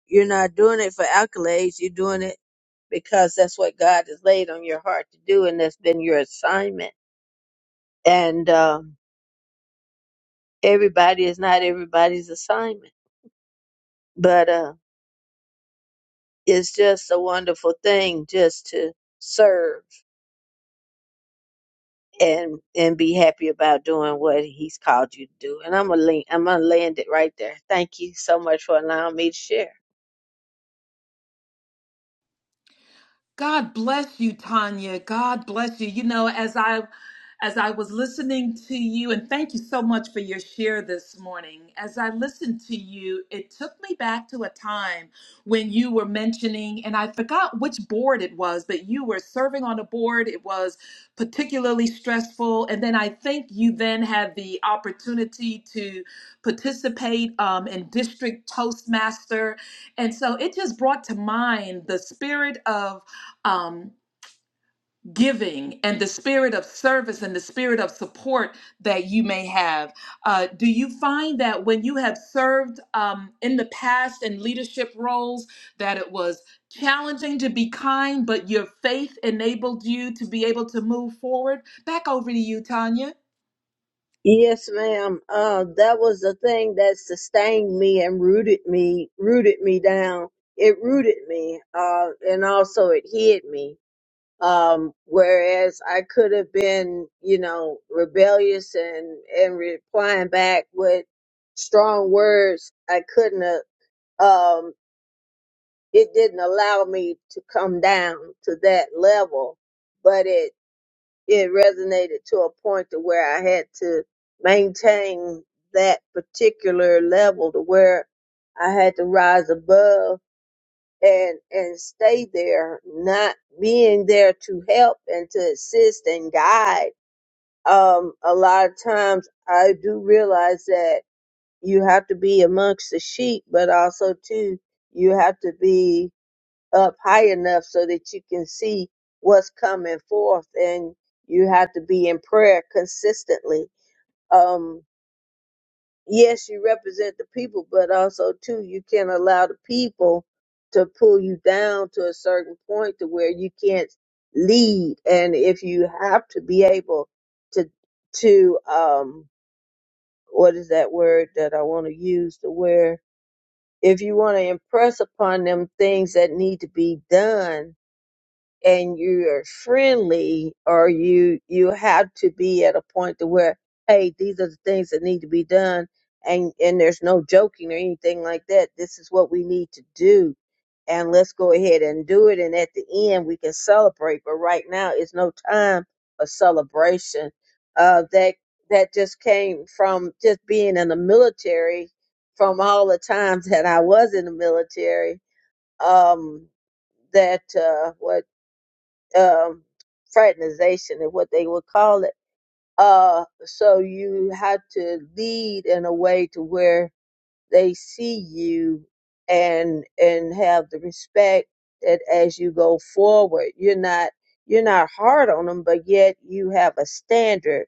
[SPEAKER 4] you're not doing it for accolades. You're doing it because that's what God has laid on your heart to do, and that's been your assignment. And um, everybody is not everybody's assignment, but uh, it's just a wonderful thing just to serve and and be happy about doing what He's called you to do. And I'm gonna lea- I'm gonna land it right there. Thank you so much for allowing me to share.
[SPEAKER 1] God bless you, Tanya. God bless you. You know, as I as I was listening to you, and thank you so much for your share this morning. As I listened to you, it took me back to a time when you were mentioning, and I forgot which board it was, but you were serving on a board. It was particularly stressful. And then I think you then had the opportunity to participate um, in District Toastmaster. And so it just brought to mind the spirit of um, giving and the spirit of service and the spirit of support that you may have. Uh, do you find that when you have served um, in the past in leadership roles, that it was challenging to be kind, but your faith enabled you to be able to move forward? Back over to you, Tanya.
[SPEAKER 4] Yes, ma'am. Uh, that was the thing that sustained me and rooted me, rooted me down. It rooted me, uh, and also it hid me. Um, whereas I could have been, you know, rebellious and, and replying back with strong words, I couldn't have, um, it didn't allow me to come down to that level, but it it resonated to a point to where I had to maintain that particular level to where I had to rise above and and stay there, not being there to help and to assist and guide. Um, a lot of times I do realize that you have to be amongst the sheep, but also too you have to be up high enough so that you can see what's coming forth and you have to be in prayer consistently um yes you represent the people but also too you can't allow the people to pull you down to a certain point to where you can't lead and if you have to be able to to um what is that word that I want to use to where if you want to impress upon them things that need to be done and you're friendly or you you have to be at a point to where hey these are the things that need to be done and and there's no joking or anything like that this is what we need to do and let's go ahead and do it and at the end we can celebrate but right now it's no time for celebration uh that that just came from just being in the military from all the times that I was in the military um that uh what um, fraternization is what they would call it. Uh, so you have to lead in a way to where they see you and and have the respect that as you go forward, you're not you're not hard on them, but yet you have a standard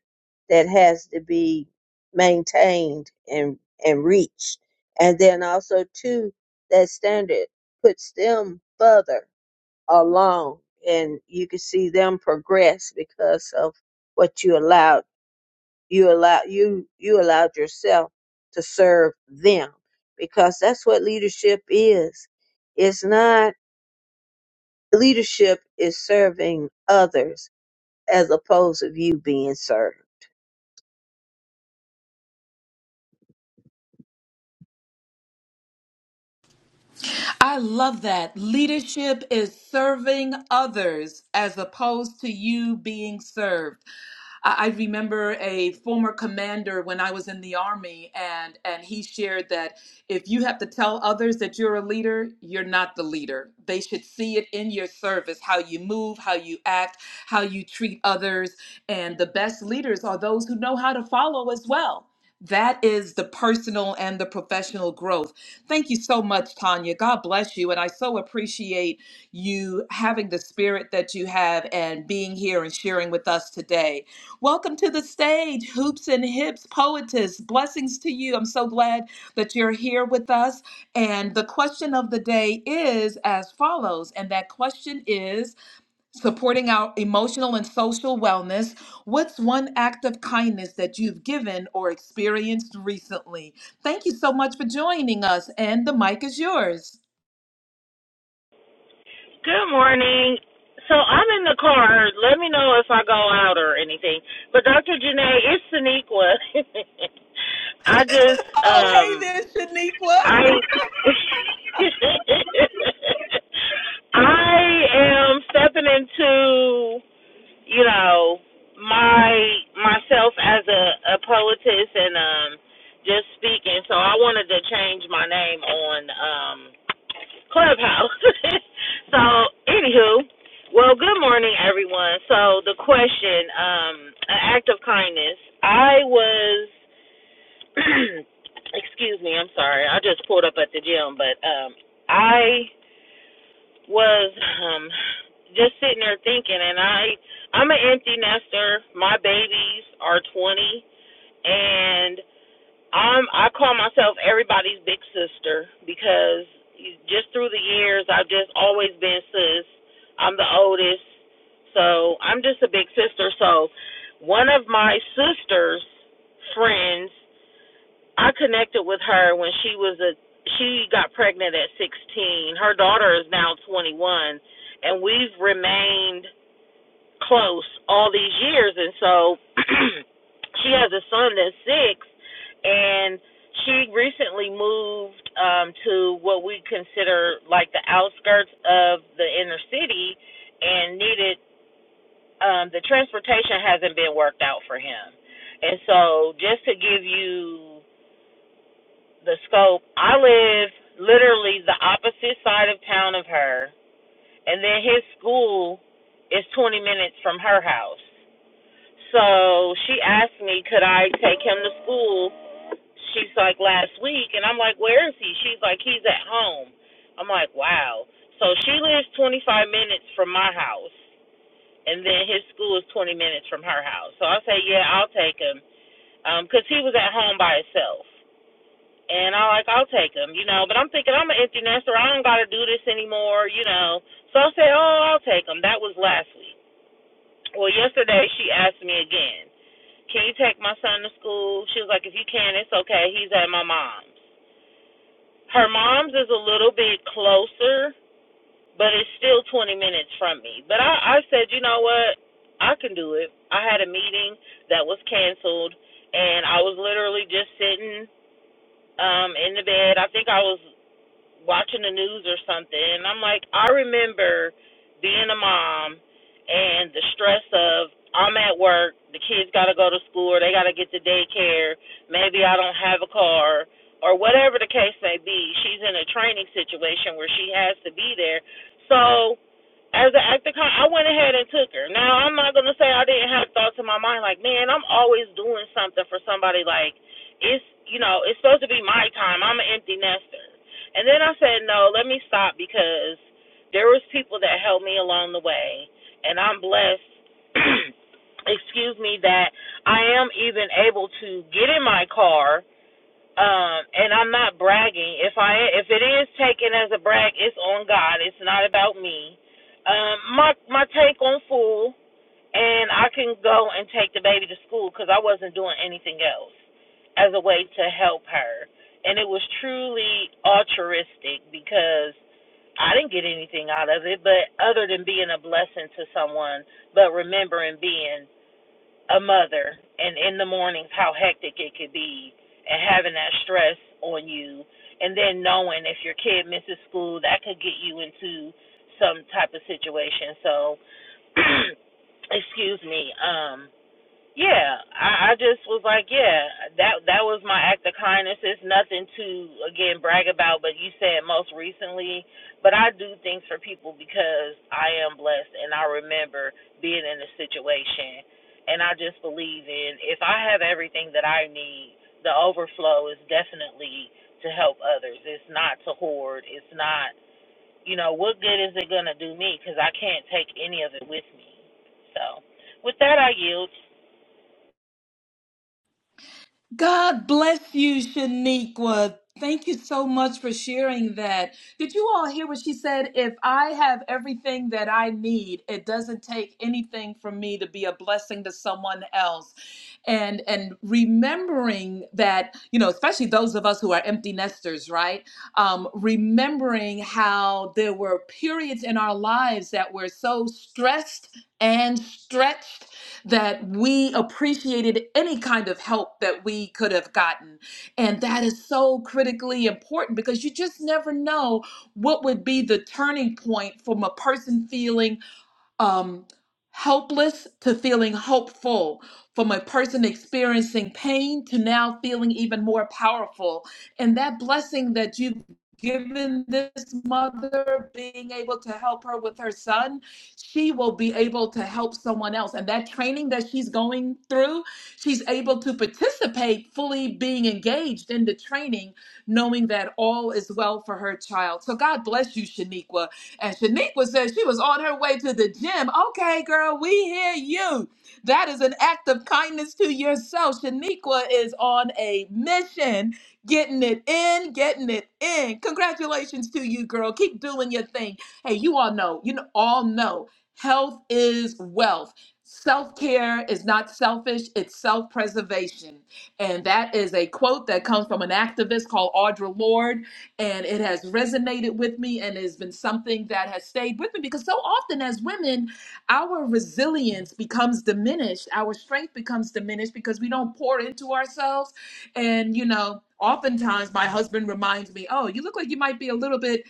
[SPEAKER 4] that has to be maintained and and reached. And then also too, that standard puts them further alone and you can see them progress because of what you allowed you allow you you allowed yourself to serve them because that's what leadership is it's not leadership is serving others as opposed to you being served
[SPEAKER 1] I love that. Leadership is serving others as opposed to you being served. I I remember a former commander when I was in the army, and and he shared that if you have to tell others that you're a leader, you're not the leader. They should see it in your service, how you move, how you act, how you treat others, and the best leaders are those who know how to follow as well. That is the personal and the professional growth. Thank you so much, Tanya. God bless you. And I so appreciate you having the spirit that you have and being here and sharing with us today. Welcome to the stage, Hoops and Hips Poetess. Blessings to you. I'm so glad that you're here with us. And the question of the day is as follows. And that question is supporting our emotional and social wellness. What's one act of kindness that you've given or experienced recently? Thank you so much for joining us, and the mic is yours.
[SPEAKER 5] Good morning. So I'm in the car. Let me know if I go out or anything. But Dr. Janae, it's Sonequa. I just
[SPEAKER 1] Oh, hey
[SPEAKER 5] um
[SPEAKER 1] there, Shaniqua.
[SPEAKER 5] I I am stepping into you know my myself as a a poetess and um just speaking so i wanted to change my name on um clubhouse so anywho well good morning everyone so the question um an act of kindness i was excuse me i'm sorry i just pulled up at the gym but um i was um just sitting there thinking and I I'm an empty nester. My babies are 20 and I'm I call myself everybody's big sister because just through the years I've just always been sis. I'm the oldest. So, I'm just a big sister. So, one of my sister's friends I connected with her when she was a she got pregnant at 16. Her daughter is now 21 and we've remained close all these years and so she has a son that's 6 and she recently moved um to what we consider like the outskirts of the inner city and needed um the transportation hasn't been worked out for him. And so just to give you the scope. I live literally the opposite side of town of her, and then his school is 20 minutes from her house. So she asked me, could I take him to school? She's like, last week, and I'm like, where is he? She's like, he's at home. I'm like, wow. So she lives 25 minutes from my house, and then his school is 20 minutes from her house. So I say, yeah, I'll take him, because he was at home by himself. And I like, I'll take them, you know. But I'm thinking I'm an empty nester. I don't got to do this anymore, you know. So I said, oh, I'll take them. That was last week. Well, yesterday she asked me again, can you take my son to school? She was like, if you can, it's okay. He's at my mom's. Her mom's is a little bit closer, but it's still 20 minutes from me. But I, I said, you know what? I can do it. I had a meeting that was canceled, and I was literally just sitting um in the bed. I think I was watching the news or something and I'm like I remember being a mom and the stress of I'm at work, the kids got to go to school or they got to get to daycare, maybe I don't have a car or whatever the case may be. She's in a training situation where she has to be there. So as an act of con- I went ahead and took her. Now I'm not gonna say I didn't have thoughts in my mind like, man, I'm always doing something for somebody. Like it's you know it's supposed to be my time. I'm an empty nester. And then I said, no, let me stop because there was people that helped me along the way, and I'm blessed. excuse me that I am even able to get in my car um and i'm not bragging if i if it is taken as a brag it's on god it's not about me um my my take on food and i can go and take the baby to school because i wasn't doing anything else as a way to help her and it was truly altruistic because i didn't get anything out of it but other than being a blessing to someone but remembering being a mother and in the mornings how hectic it could be and having that stress on you and then knowing if your kid misses school that could get you into some type of situation so excuse me um, yeah, I, I just was like, yeah, that that was my act of kindness. It's nothing to again brag about, but you said most recently. But I do things for people because I am blessed, and I remember being in a situation, and I just believe in if I have everything that I need, the overflow is definitely to help others. It's not to hoard. It's not, you know, what good is it gonna do me? Because I can't take any of it with me. So, with that, I yield.
[SPEAKER 1] God bless you, Shaniqua. Thank you so much for sharing that. Did you all hear what she said? If I have everything that I need, it doesn't take anything from me to be a blessing to someone else. And and remembering that, you know, especially those of us who are empty nesters, right? Um, remembering how there were periods in our lives that were so stressed and stretched that we appreciated any kind of help that we could have gotten. And that is so critically important because you just never know what would be the turning point from a person feeling um, helpless to feeling hopeful, from a person experiencing pain to now feeling even more powerful. And that blessing that you've given this mother, being able to help her with her son, she will be able to help someone else. And that training that she's going through, she's able to participate fully being engaged in the training, knowing that all is well for her child. So God bless you, Shaniqua and Shaniqua said she was on her way to the gym. Okay, girl, we hear you. That is an act of kindness to yourself. Shaniqua is on a mission, getting it in, getting it in. Congratulations to you, girl. Keep doing your thing. Hey, you all know, you know, all know, health is wealth. Self care is not selfish, it's self preservation. And that is a quote that comes from an activist called Audre Lorde and it has resonated with me and it has been something that has stayed with me because so often as women our resilience becomes diminished our strength becomes diminished because we don't pour into ourselves and you know oftentimes my husband reminds me oh you look like you might be a little bit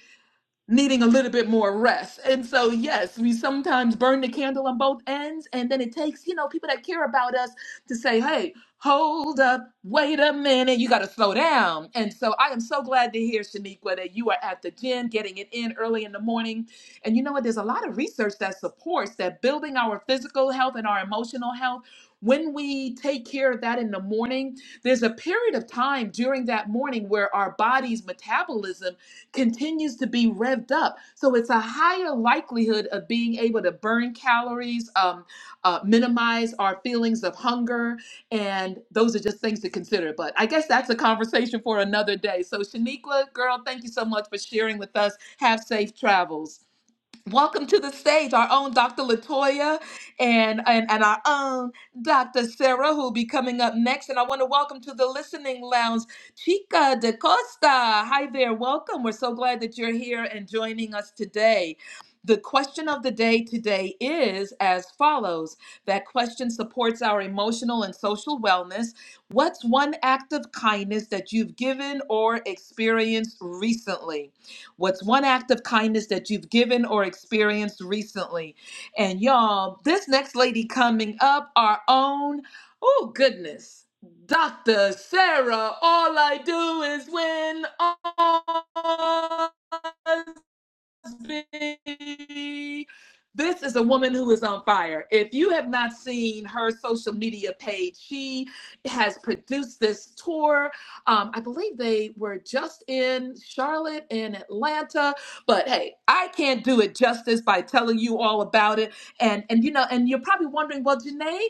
[SPEAKER 1] needing a little bit more rest. And so, yes, we sometimes burn the candle on both ends. And then it takes, you know, people that care about us to say, hey, hold up, wait a minute, you got to slow down. And so, I am so glad to hear, Shaniqua, that you are at the gym, getting it in early in the morning. And you know what? There's a lot of research that supports that building our physical health and our emotional health. When we take care of that in the morning, there's a period of time during that morning where our body's metabolism continues to be revved up. So it's a higher likelihood of being able to burn calories, um, uh, minimize our feelings of hunger. And those are just things to consider. But I guess that's a conversation for another day. So, Shaniqua, girl, thank you so much for sharing with us. Have safe travels. Welcome to the stage, our own Dr. Latoya and, and, and our own Dr. Sarah, who will be coming up next. And I want to welcome to the listening lounge, Chica de Costa. Hi there, welcome. We're so glad that you're here and joining us today. The question of the day today is as follows That question supports our emotional and social wellness. What's one act of kindness that you've given or experienced recently? What's one act of kindness that you've given or experienced recently? And y'all, this next lady coming up, our own, oh goodness, Dr. Sarah, all I do is win. All be. This is a woman who is on fire. If you have not seen her social media page, she has produced this tour. Um, I believe they were just in Charlotte and Atlanta, but hey, I can't do it justice by telling you all about it. And and you know, and you're probably wondering, well, Janae,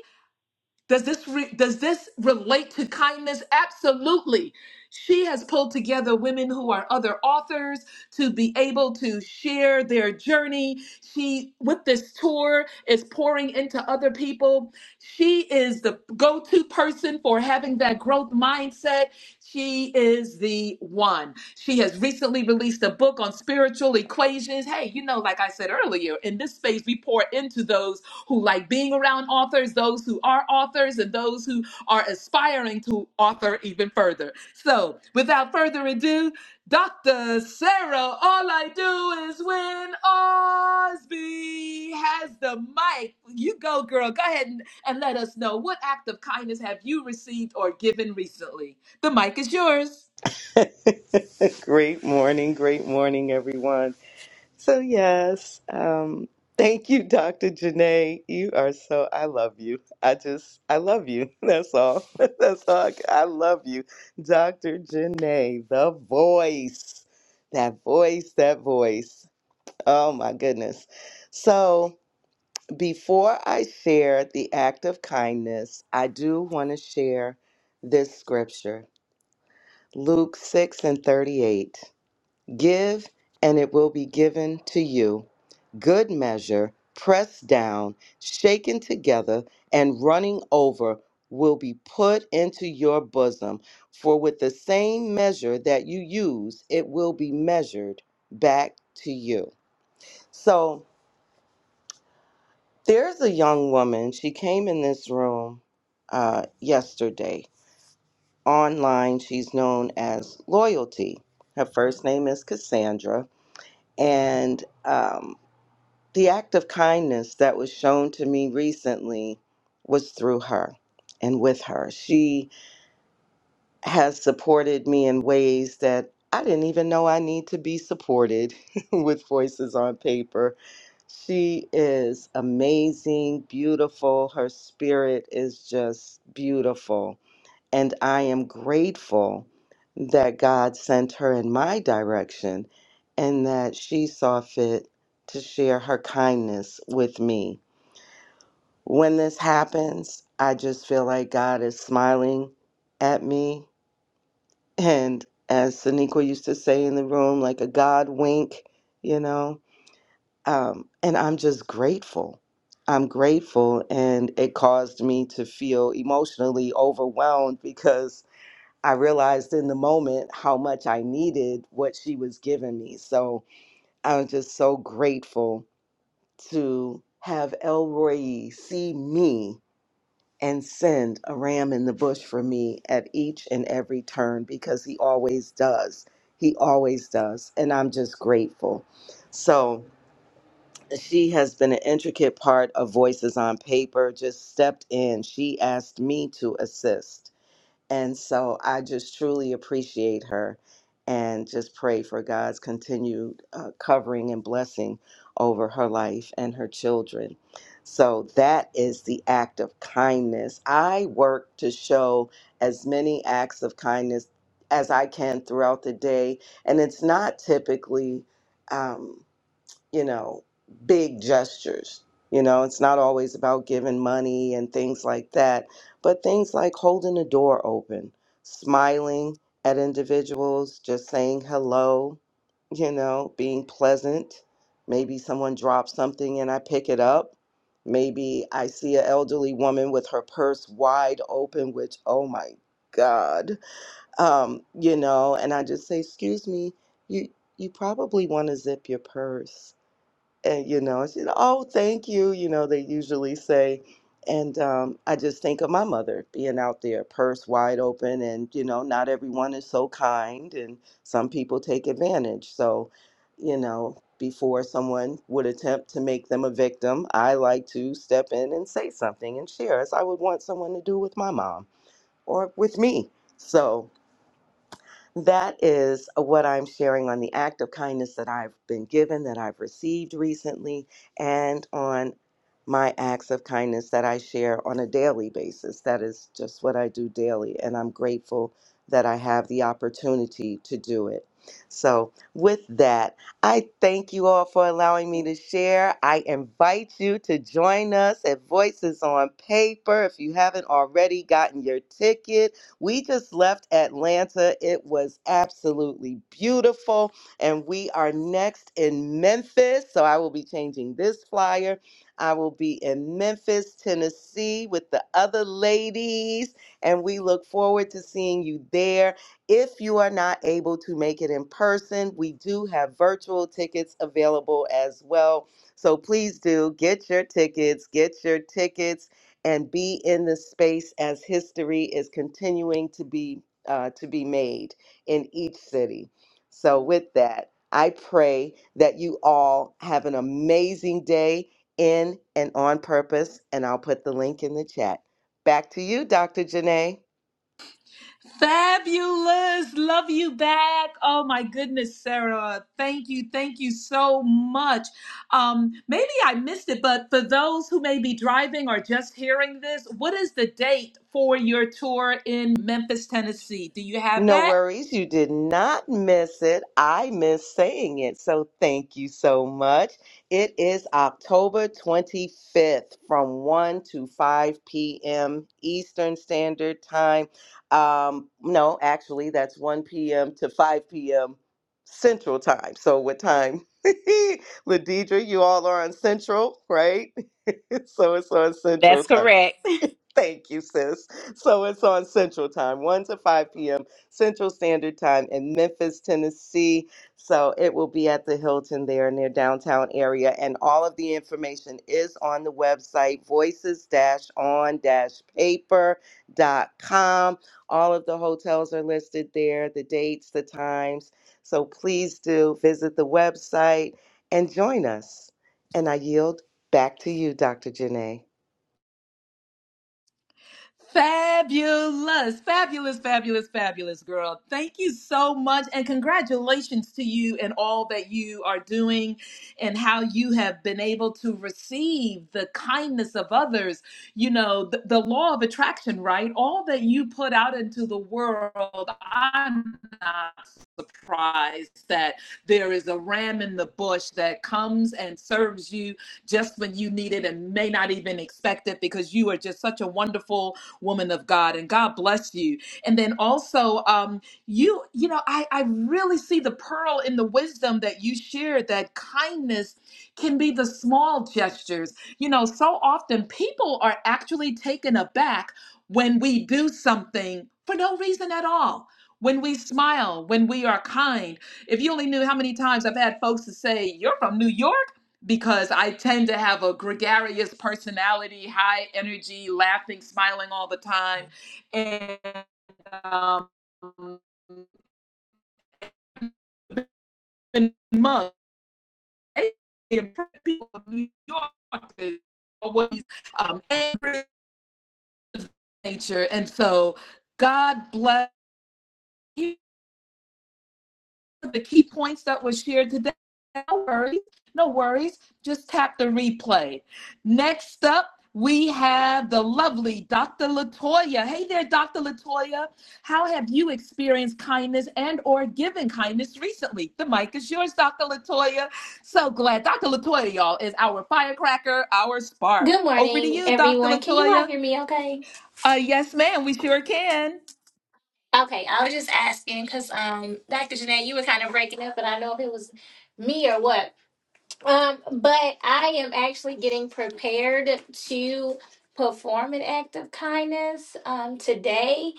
[SPEAKER 1] does this re- does this relate to kindness? Absolutely. She has pulled together women who are other authors to be able to share their journey. She with this tour is pouring into other people. She is the go-to person for having that growth mindset. She is the one. She has recently released a book on spiritual equations. Hey, you know like I said earlier, in this space we pour into those who like being around authors, those who are authors, and those who are aspiring to author even further. So, without further ado, Dr. Sarah, all I do is win. Osby has the mic. You go, girl. Go ahead and, and let us know what act of kindness have you received or given recently. The mic is yours.
[SPEAKER 6] great morning, great morning, everyone. So, yes, um, thank you, Dr. Janae. You are so, I love you. I just, I love you. That's all. That's all. I, I love you. Dr. Janae, the voice, that voice, that voice. Oh, my goodness. So, before I share the act of kindness, I do want to share this scripture Luke 6 and 38. Give, and it will be given to you. Good measure, pressed down, shaken together, and running over, will be put into your bosom. For with the same measure that you use, it will be measured back to you. So there's a young woman. She came in this room uh, yesterday. Online, she's known as Loyalty. Her first name is Cassandra. And um, The act of kindness that was shown to me recently was through her and with her. She has supported me in ways that I didn't even know I need to be supported with voices on paper. She is amazing, beautiful. Her spirit is just beautiful. And I am grateful that God sent her in my direction and that she saw fit to share her kindness with me. When this happens, I just feel like God is smiling at me. And as Sonequa used to say in the room, like a God wink, you know. Um, and I'm just grateful. I'm grateful. And it caused me to feel emotionally overwhelmed because I realized in the moment how much I needed what she was giving me. So I am just so grateful to have Elroy see me and send a ram in the bush for me at each and every turn because he always does. He always does. And I'm just grateful. So she has been an intricate part of Voices on Paper, just stepped in. She asked me to assist and so I just truly appreciate her and just pray for God's continued uh, covering and blessing over her life and her children. So that is the act of kindness. I work to show as many acts of kindness as I can throughout the day. And it's not typically. Um, you know, big gestures. You know, it's not always about giving money and things like that, but things like holding a door open, smiling at individuals, just saying hello, you know, being pleasant. Maybe someone drops something and I pick it up. Maybe I see an elderly woman with her purse wide open, which, oh my God, um, you know, and I just say, excuse me, you, you probably want to zip your purse and you know, I said, "Oh, thank you." You know, they usually say, and um, I just think of my mother being out there, purse wide open, and you know, not everyone is so kind, and some people take advantage. So, you know, before someone would attempt to make them a victim, I like to step in and say something and share, as I would want someone to do with my mom or with me. So. That is what I'm sharing on the act of kindness that I've been given, that I've received recently, and on my acts of kindness that I share on a daily basis. That is just what I do daily, and I'm grateful that I have the opportunity to do it. So, with that, I thank you all for allowing me to share. I invite you to join us at Voices on Paper. If you haven't already gotten your ticket, we just left Atlanta. It was absolutely beautiful. And we are next in Memphis. So I will be changing this flyer. I will be in Memphis, Tennessee with the other ladies. And we look forward to seeing you there. If you are not able to make it in person, we do have virtual tickets available as well. So please do get your tickets, get your tickets and be in this space as history is continuing to be uh, to be made in each city. So with that, I pray that you all have an amazing day in and on purpose, and I'll put the link in the chat. Back to you, Dr. Janae.
[SPEAKER 1] Fabulous. Love you back. Oh my goodness, Sarah. Thank you. Thank you so much. Um, maybe I missed it, but for those who may be driving or just hearing this, what is the date for your tour in Memphis, Tennessee? Do you have
[SPEAKER 6] No
[SPEAKER 1] that?
[SPEAKER 6] worries. You did not miss it. I miss saying it. So thank you so much. It is October 25th from 1 to 5 p.m. Eastern Standard Time. Um, no, actually, that's 1 p.m. to 5 p.m. Central Time. So what time? Ladidra, you all are on Central, right? so it's on Central
[SPEAKER 3] That's
[SPEAKER 6] Time.
[SPEAKER 3] correct.
[SPEAKER 6] Thank you, sis. So it's on Central Time, 1 to 5 p.m. Central Standard Time in Memphis, Tennessee. So it will be at the Hilton there in their downtown area. And all of the information is on the website, voices on paper.com. All of the hotels are listed there, the dates, the times. So please do visit the website and join us. And I yield back to you, Dr. Janae.
[SPEAKER 1] Fabulous, fabulous, fabulous, fabulous girl. Thank you so much. And congratulations to you and all that you are doing and how you have been able to receive the kindness of others. You know, the, the law of attraction, right? All that you put out into the world, I'm not surprised that there is a ram in the bush that comes and serves you just when you need it and may not even expect it because you are just such a wonderful woman of God, and God bless you. And then also, um, you you know, I I really see the pearl in the wisdom that you shared. That kindness can be the small gestures. You know, so often people are actually taken aback when we do something for no reason at all. When we smile, when we are kind. If you only knew how many times I've had folks to say, You're from New York because I tend to have a gregarious personality, high energy, laughing, smiling all the time. And um, in months, people of New York is always um, angry in nature. And so God bless you the key points that were shared today. No worries. No worries. Just tap the replay. Next up, we have the lovely Dr. Latoya. Hey there, Dr. Latoya. How have you experienced kindness and or given kindness recently? The mic is yours, Dr. Latoya. So glad Dr. Latoya, y'all, is our firecracker, our spark.
[SPEAKER 7] Good
[SPEAKER 1] Over to
[SPEAKER 7] morning,
[SPEAKER 1] you, Dr.
[SPEAKER 7] everyone. Can you all
[SPEAKER 1] Latoya.
[SPEAKER 7] hear me okay?
[SPEAKER 1] Uh, yes, ma'am. We sure can.
[SPEAKER 7] Okay, I was just asking because um Dr. Janae, you were kind of breaking up, but I know if it was me or what. Um, but I am actually getting prepared to perform an act of kindness um today.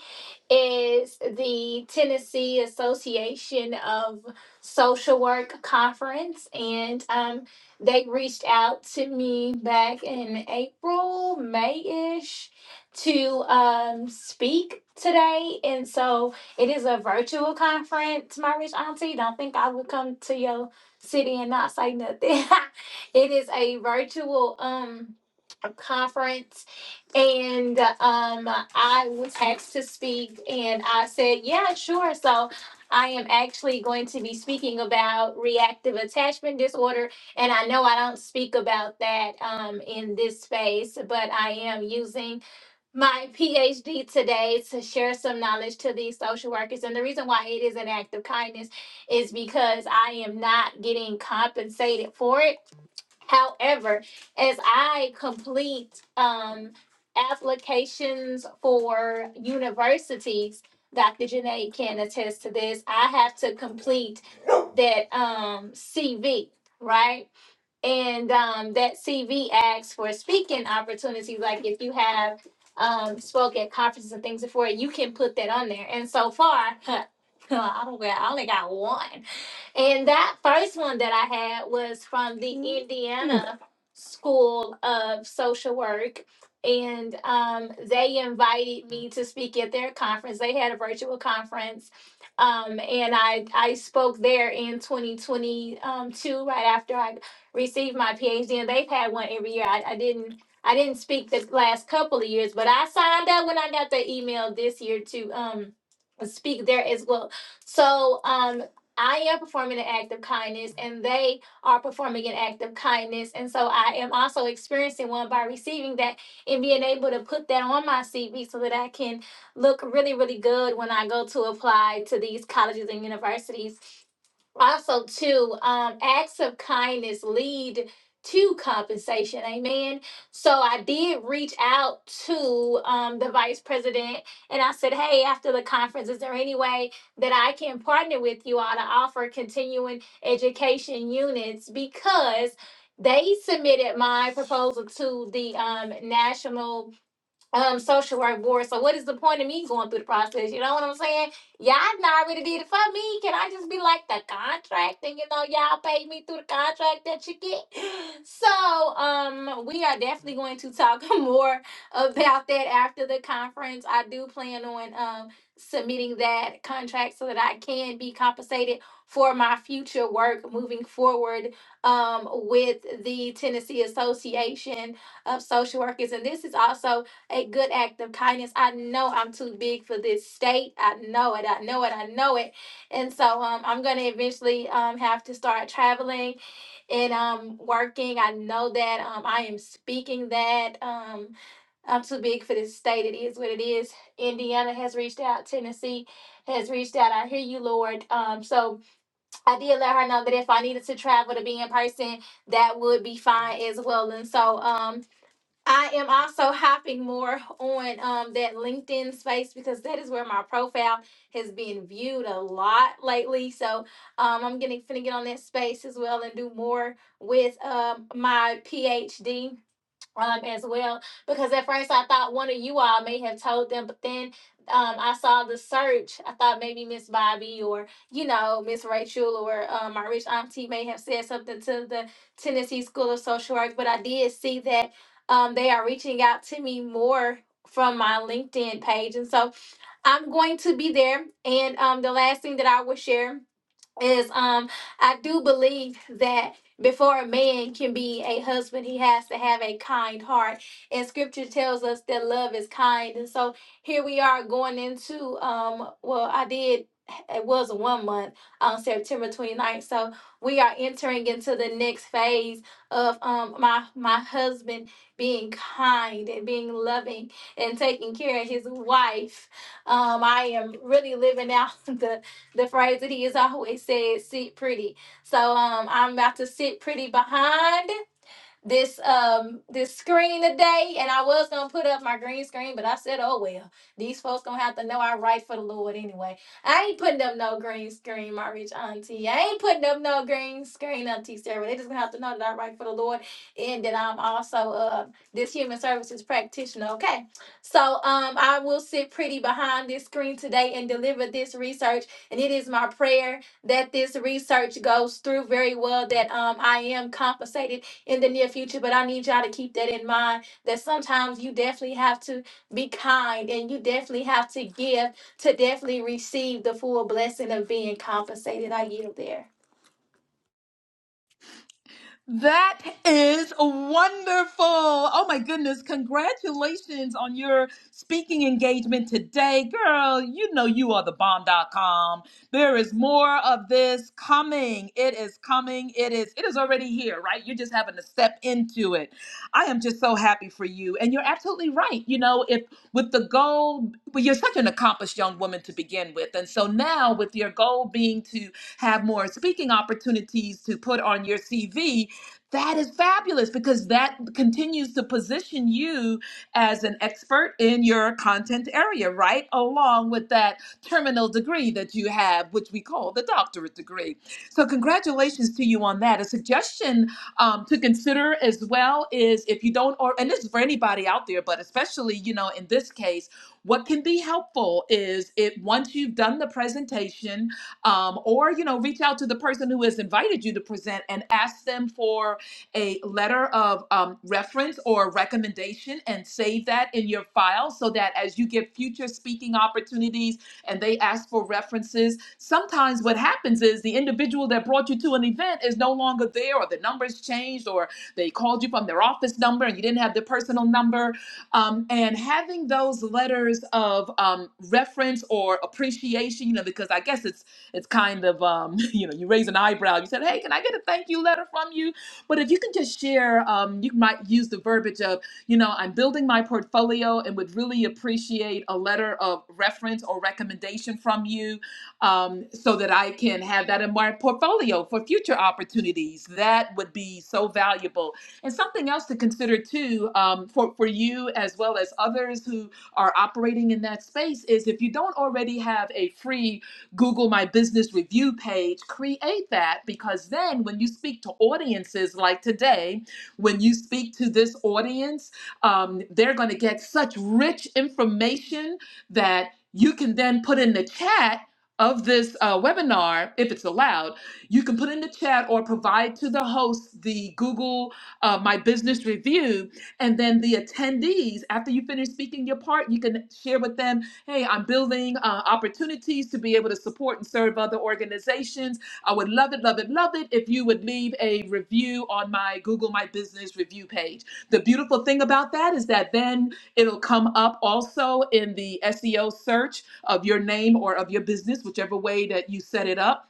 [SPEAKER 7] is the Tennessee Association of Social Work Conference. And um, they reached out to me back in April, May ish, to um, speak today. And so it is a virtual conference, my rich auntie. Don't think I would come to your city and not say nothing. it is a virtual um, conference and um, I was asked to speak, and I said, "Yeah, sure." So, I am actually going to be speaking about reactive attachment disorder, and I know I don't speak about that um, in this space, but I am using my PhD today to share some knowledge to these social workers. And the reason why it is an act of kindness is because I am not getting compensated for it. However, as I complete um, applications for universities, Dr. Janae can attest to this. I have to complete that um, CV, right? And um, that CV asks for speaking opportunities. Like if you have um, spoke at conferences and things before, you can put that on there. And so far, I don't. I only got one and that first one that I had was from the Indiana School of Social Work. And um, they invited me to speak at their conference. They had a virtual conference. Um, and I, I spoke there in 2022, right after I received my PhD. And they've had one every year. I, I didn't. I didn't speak the last couple of years, but I signed up when I got the email this year to um speak there as well. So um I am performing an act of kindness and they are performing an act of kindness. And so I am also experiencing one by receiving that and being able to put that on my CV so that I can look really, really good when I go to apply to these colleges and universities also too um acts of kindness lead to compensation amen so i did reach out to um the vice president and i said hey after the conference is there any way that i can partner with you all to offer continuing education units because they submitted my proposal to the um, national um social work board. So what is the point of me going through the process? You know what I'm saying? Y'all not already did it for me. Can I just be like the contract and you know y'all pay me through the contract that you get? So um we are definitely going to talk more about that after the conference. I do plan on um submitting that contract so that I can be compensated for my future work moving forward um with the Tennessee Association of Social Workers. And this is also a good act of kindness. I know I'm too big for this state. I know it. I know it. I know it. And so um, I'm going to eventually um, have to start traveling and um, working. I know that um, I am speaking that um, I'm too big for this state. It is what it is. Indiana has reached out. Tennessee has reached out. I hear you, Lord. Um, so I did let her know that if I needed to travel to be in person, that would be fine as well. And so. Um, I am also hopping more on um, that LinkedIn space because that is where my profile has been viewed a lot lately. So um, I'm getting finna get on that space as well and do more with um, my PhD um, as well because at first I thought one of you all may have told them, but then um, I saw the search. I thought maybe Miss Bobby or you know Miss Rachel or um, my rich auntie may have said something to the Tennessee School of Social Work, but I did see that um, they are reaching out to me more from my LinkedIn page, and so I'm going to be there. And um, the last thing that I will share is um I do believe that before a man can be a husband, he has to have a kind heart. And scripture tells us that love is kind. And so here we are going into um well I did it was a one month on September twenty ninth. So we are entering into the next phase of um my my husband being kind and being loving and taking care of his wife. Um I am really living out the the phrase that he has always said, sit pretty. So um, I'm about to sit pretty behind this um this screen today and I was gonna put up my green screen, but I said, oh well, these folks gonna have to know I write for the Lord anyway. I ain't putting up no green screen, my rich auntie. I ain't putting up no green screen, Auntie Sarah. They just gonna have to know that I write for the Lord and that I'm also uh this human services practitioner. Okay. So um I will sit pretty behind this screen today and deliver this research. And it is my prayer that this research goes through very well, that um I am compensated in the near future, but I need y'all to keep that in mind that sometimes you definitely have to be kind and you definitely have to give to definitely receive the full blessing of being compensated. I yield there.
[SPEAKER 1] That is wonderful. Oh my goodness. Congratulations on your speaking engagement today. Girl, you know you are the bomb. Dot com. There is more of this coming. It is coming. It is it is already here, right? You're just having to step into it. I am just so happy for you. And you're absolutely right. You know, if with the goal, but you're such an accomplished young woman to begin with. And so now with your goal being to have more speaking opportunities to put on your CV, that is fabulous because that continues to position you as an expert in your content area, right? Along with that terminal degree that you have, which we call the doctorate degree. So, congratulations to you on that. A suggestion um, to consider as well is if you don't, or and this is for anybody out there, but especially you know in this case, what can be helpful is it once you've done the presentation, um, or you know reach out to the person who has invited you to present and ask them for a letter of um, reference or recommendation and save that in your file so that as you get future speaking opportunities and they ask for references, sometimes what happens is the individual that brought you to an event is no longer there or the numbers changed or they called you from their office number and you didn't have their personal number. Um, and having those letters of um, reference or appreciation, you know, because I guess it's it's kind of um, you know you raise an eyebrow. You said, "Hey, can I get a thank you letter from you?" But if you can just share, um, you might use the verbiage of, you know, I'm building my portfolio and would really appreciate a letter of reference or recommendation from you um, so that I can have that in my portfolio for future opportunities. That would be so valuable. And something else to consider too um, for, for you as well as others who are operating in that space is if you don't already have a free Google My Business Review page, create that because then when you speak to audiences like today, when you speak to this audience, um, they're going to get such rich information that you can then put in the chat of this uh, webinar, if it's allowed, you can put in the chat or provide to the host the Google uh, My Business Review. And then the attendees, after you finish speaking your part, you can share with them Hey, I'm building uh, opportunities to be able to support and serve other organizations. I would love it, love it, love it if you would leave a review on my Google My Business review page. The beautiful thing about that is that then it'll come up also in the SEO search of your name or of your business, whichever way that you set it up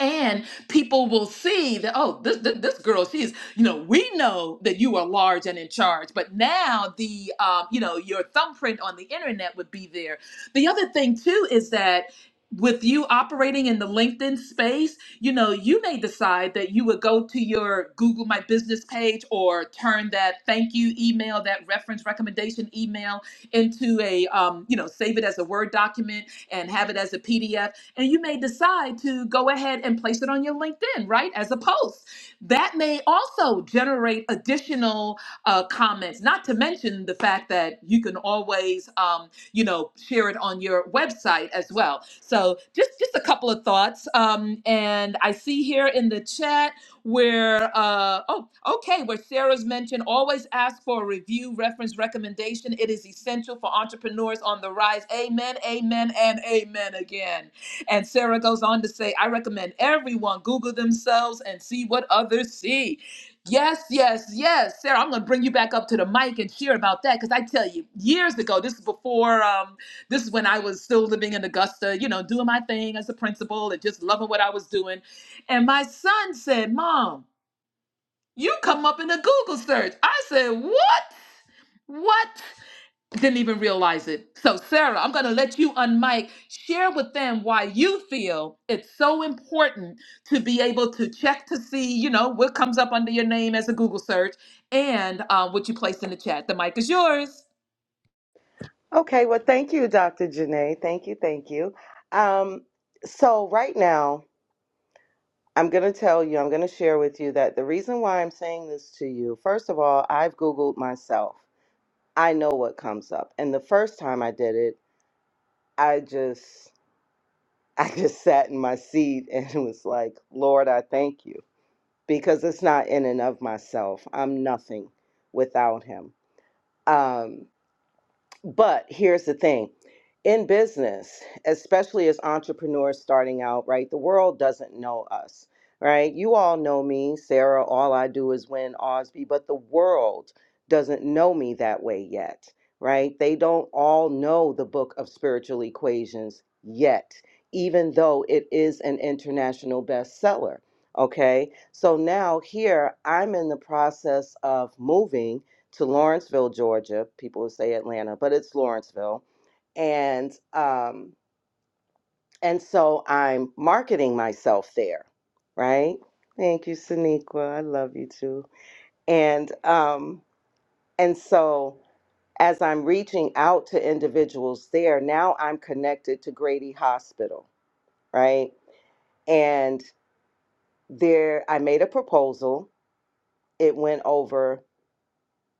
[SPEAKER 1] and people will see that oh this, this this girl she's you know we know that you are large and in charge but now the um, you know your thumbprint on the internet would be there the other thing too is that with you operating in the LinkedIn space, you know, you may decide that you would go to your Google My Business page or turn that thank you email, that reference recommendation email into a, um, you know, save it as a Word document and have it as a PDF and you may decide to go ahead and place it on your LinkedIn, right, as a post. That may also generate additional uh, comments, not to mention the fact that you can always, um, you know, share it on your website as well. So just, just a couple of thoughts. Um, and I see here in the chat where, uh, oh, okay, where Sarah's mentioned always ask for a review, reference, recommendation. It is essential for entrepreneurs on the rise. Amen, amen, and amen again. And Sarah goes on to say, I recommend everyone Google themselves and see what others see. Yes, yes, yes. Sarah, I'm going to bring you back up to the mic and share about that because I tell you, years ago, this is before, um, this is when I was still living in Augusta, you know, doing my thing as a principal and just loving what I was doing. And my son said, Mom, you come up in a Google search. I said, What? What? didn't even realize it. So, Sarah, I'm going to let you unmic share with them why you feel it's so important to be able to check to see, you know, what comes up under your name as a Google search and uh, what you placed in the chat. The mic is yours.
[SPEAKER 6] Okay, well, thank you, Dr. Janae. Thank you, thank you. Um, so, right now, I'm going to tell you, I'm going to share with you that the reason why I'm saying this to you, first of all, I've Googled myself. I know what comes up. And the first time I did it, I just. I just sat in my seat and was like, Lord, I thank you because it's not in and of myself. I'm nothing without Him. Um, But here's the thing in business, especially as entrepreneurs starting out, right? The world doesn't know us, right? You all know me, Sarah. All I do is win Osby, but the world doesn't know me that way yet, right? They don't all know the book of spiritual equations yet, even though it is an international bestseller. Okay, so now here I'm in the process of moving to Lawrenceville, Georgia. People would say Atlanta, but it's Lawrenceville. And um, and so I'm marketing myself there, right? Thank you, Sonequa. I love you too. And um, and so as I'm reaching out to individuals there, now I'm connected to Grady Hospital, right? And there I made a proposal. It went over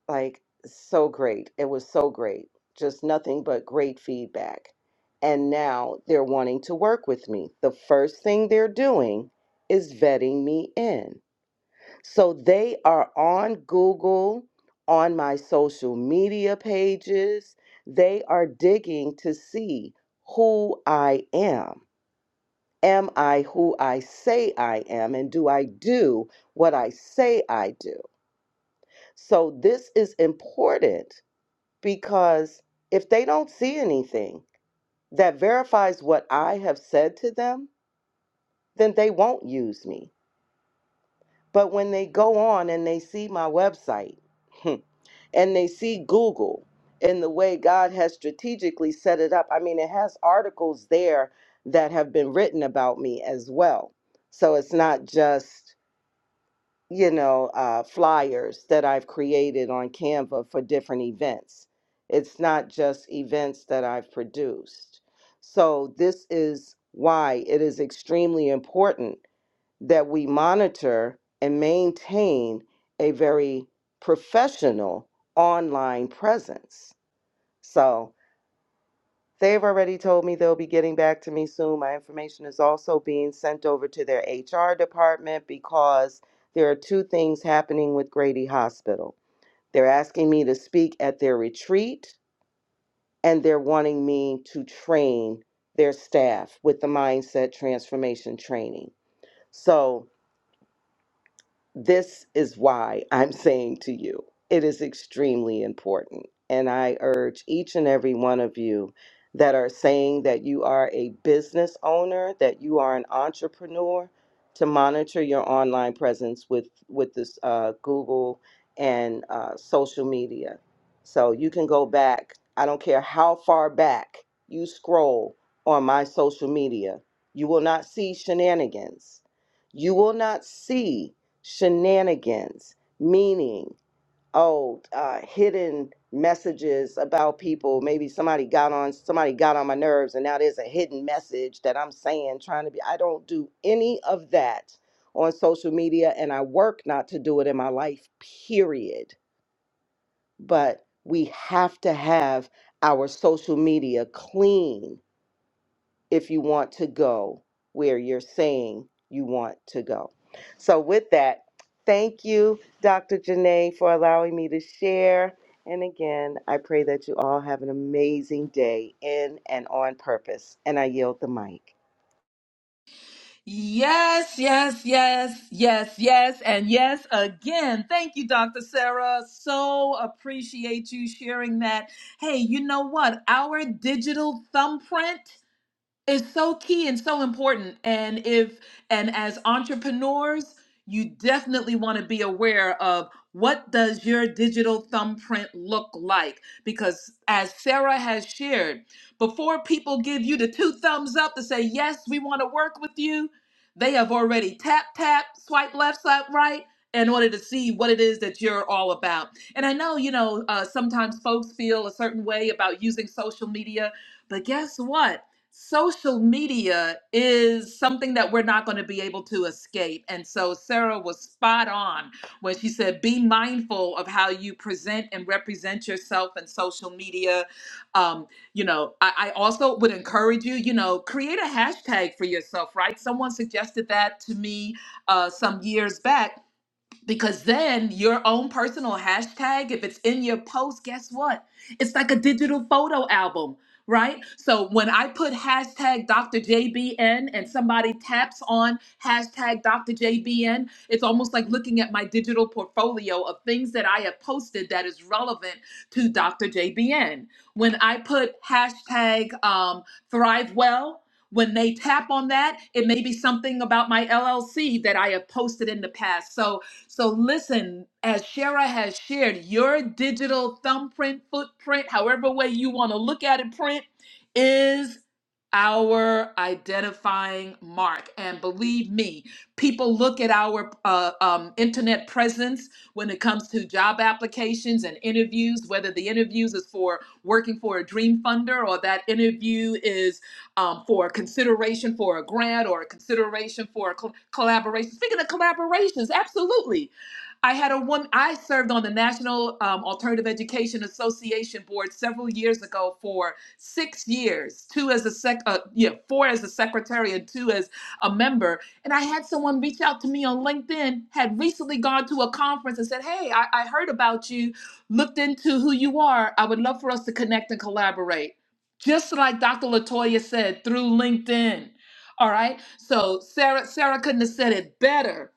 [SPEAKER 6] like so great. It was so great. Just nothing but great feedback. And now they're wanting to work with me. The first thing they're doing is vetting me in. So they are on Google, on my social media pages. They are digging to see who I am. Am I who I say I am? And do I do what I say I do? So this is important because if they don't see anything that verifies what I have said to them, then they won't use me. But when they go on and they see my website and they see Google and the way God has strategically set it up, I mean, it has articles there that have been written about me as well. So it's not just you know, uh, flyers that I've created on Canva for different events. It's not just events that I've produced. So, this is why it is extremely important that we monitor and maintain a very professional online presence. So, They've already told me they'll be getting back to me soon. My information is also being sent over to their HR department because there are two things happening with Grady Hospital. They're asking me to speak at their retreat, and they're wanting me to train their staff with the mindset transformation training. So this is why I'm saying to you, it is extremely important. And I urge each and every one of you that are saying that you are a business owner, that you are an entrepreneur, to monitor your online presence with with this uh, Google and uh, social media. So you can go back. I don't care how far back you scroll on my social media, you will not see shenanigans. You will not see shenanigans, meaning, oh, uh, hidden messages about people. Maybe somebody got on somebody got on my nerves, and now there's a hidden message that I'm saying, trying to be. I don't do any of that on social media, and I work not to do it in my life. Period. But we have to have our social media clean if you want to go where you're saying you want to go. So, with that, thank you, Dr. Janae, for allowing me to share. And again, I pray that you all have an amazing day in and on purpose. And I yield the mic.
[SPEAKER 1] Yes, yes, yes, yes, yes, and yes again. Thank you, Dr. Sarah. So appreciate you sharing that. Hey, you know what? Our digital thumbprint is so key and so important and if and as entrepreneurs you definitely want to be aware of what does your digital thumbprint look like because as sarah has shared before people give you the two thumbs up to say yes we want to work with you they have already tap tap swipe left swipe right in order to see what it is that you're all about and i know you know uh, sometimes folks feel a certain way about using social media but guess what social media is something that we're not going to be able to escape. And so Sarah was spot on when she said, be mindful of how you present and represent yourself in social media. Um, you know, I, I also would encourage you, you know, create a hashtag for yourself, right? Someone suggested that to me uh, some years back because then your own personal hashtag, if it's in your post, guess what? It's like a digital photo album, right? So when I put hashtag Dr. JBN and somebody taps on hashtag Dr. JBN, it's almost like looking at my digital portfolio of things that I have posted that is relevant to Dr. JBN. When I put hashtag um, Thrive Well, when they tap on that, it may be something about my LLC that I have posted in the past. So so listen, as Shara has shared, your digital thumbprint, footprint, however way you want to look at it, print is our identifying mark. And believe me, people look at our uh, um, internet presence when it comes to job applications and interviews, whether the interviews is for working for a dream funder or that interview is um, for a consideration for a grant or a consideration for a col- collaboration. Speaking of collaborations, absolutely. I had a woman, I served on the National um, Alternative Education Association Board several years ago for six years, two as a sec, uh, yeah, four as a secretary and two as a member. And I had someone reach out to me on LinkedIn, had recently gone to a conference and said, Hey, I, I heard about you, looked into who you are. I would love for us to connect and collaborate just like Dr. Latoya said through LinkedIn. All right. So Sarah, Sarah couldn't have said it better.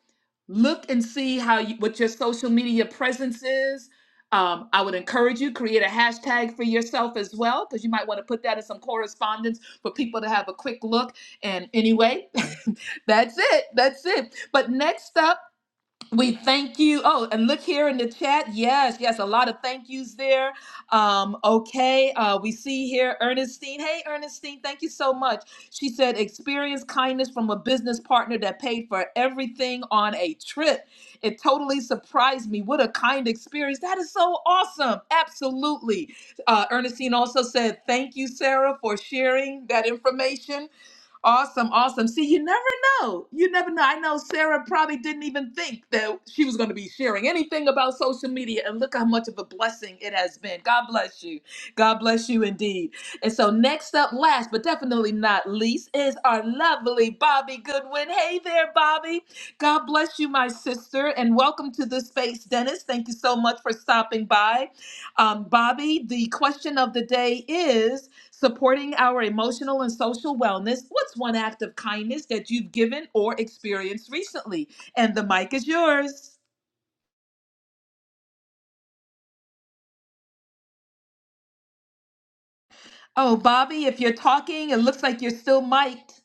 [SPEAKER 1] Look and see how you, what your social media presence is. Um, I would encourage you create a hashtag for yourself as well because you might want to put that in some correspondence for people to have a quick look. And anyway, that's it. That's it. But next up. We thank you. Oh, and look here in the chat. Yes, yes, a lot of thank yous there. Um, okay, uh, we see here Ernestine. Hey, Ernestine, thank you so much. She said, experience kindness from a business partner that paid for everything on a trip. It totally surprised me. What a kind experience. That is so awesome. Absolutely. Uh, Ernestine also said, thank you, Sarah, for sharing that information. Awesome, awesome. See, you never know. You never know. I know Sarah probably didn't even think that she was going to be sharing anything about social media, and look how much of a blessing it has been. God bless you. God bless you indeed. And so, next up, last but definitely not least, is our lovely Bobby Goodwin. Hey there, Bobby. God bless you, my sister, and welcome to the space, Dennis. Thank you so much for stopping by. Um, Bobby, the question of the day is supporting our emotional and social wellness. What's one act of kindness that you've given or experienced recently? And the mic is yours. Oh, Bobby, if you're talking, it looks like you're still mic'd.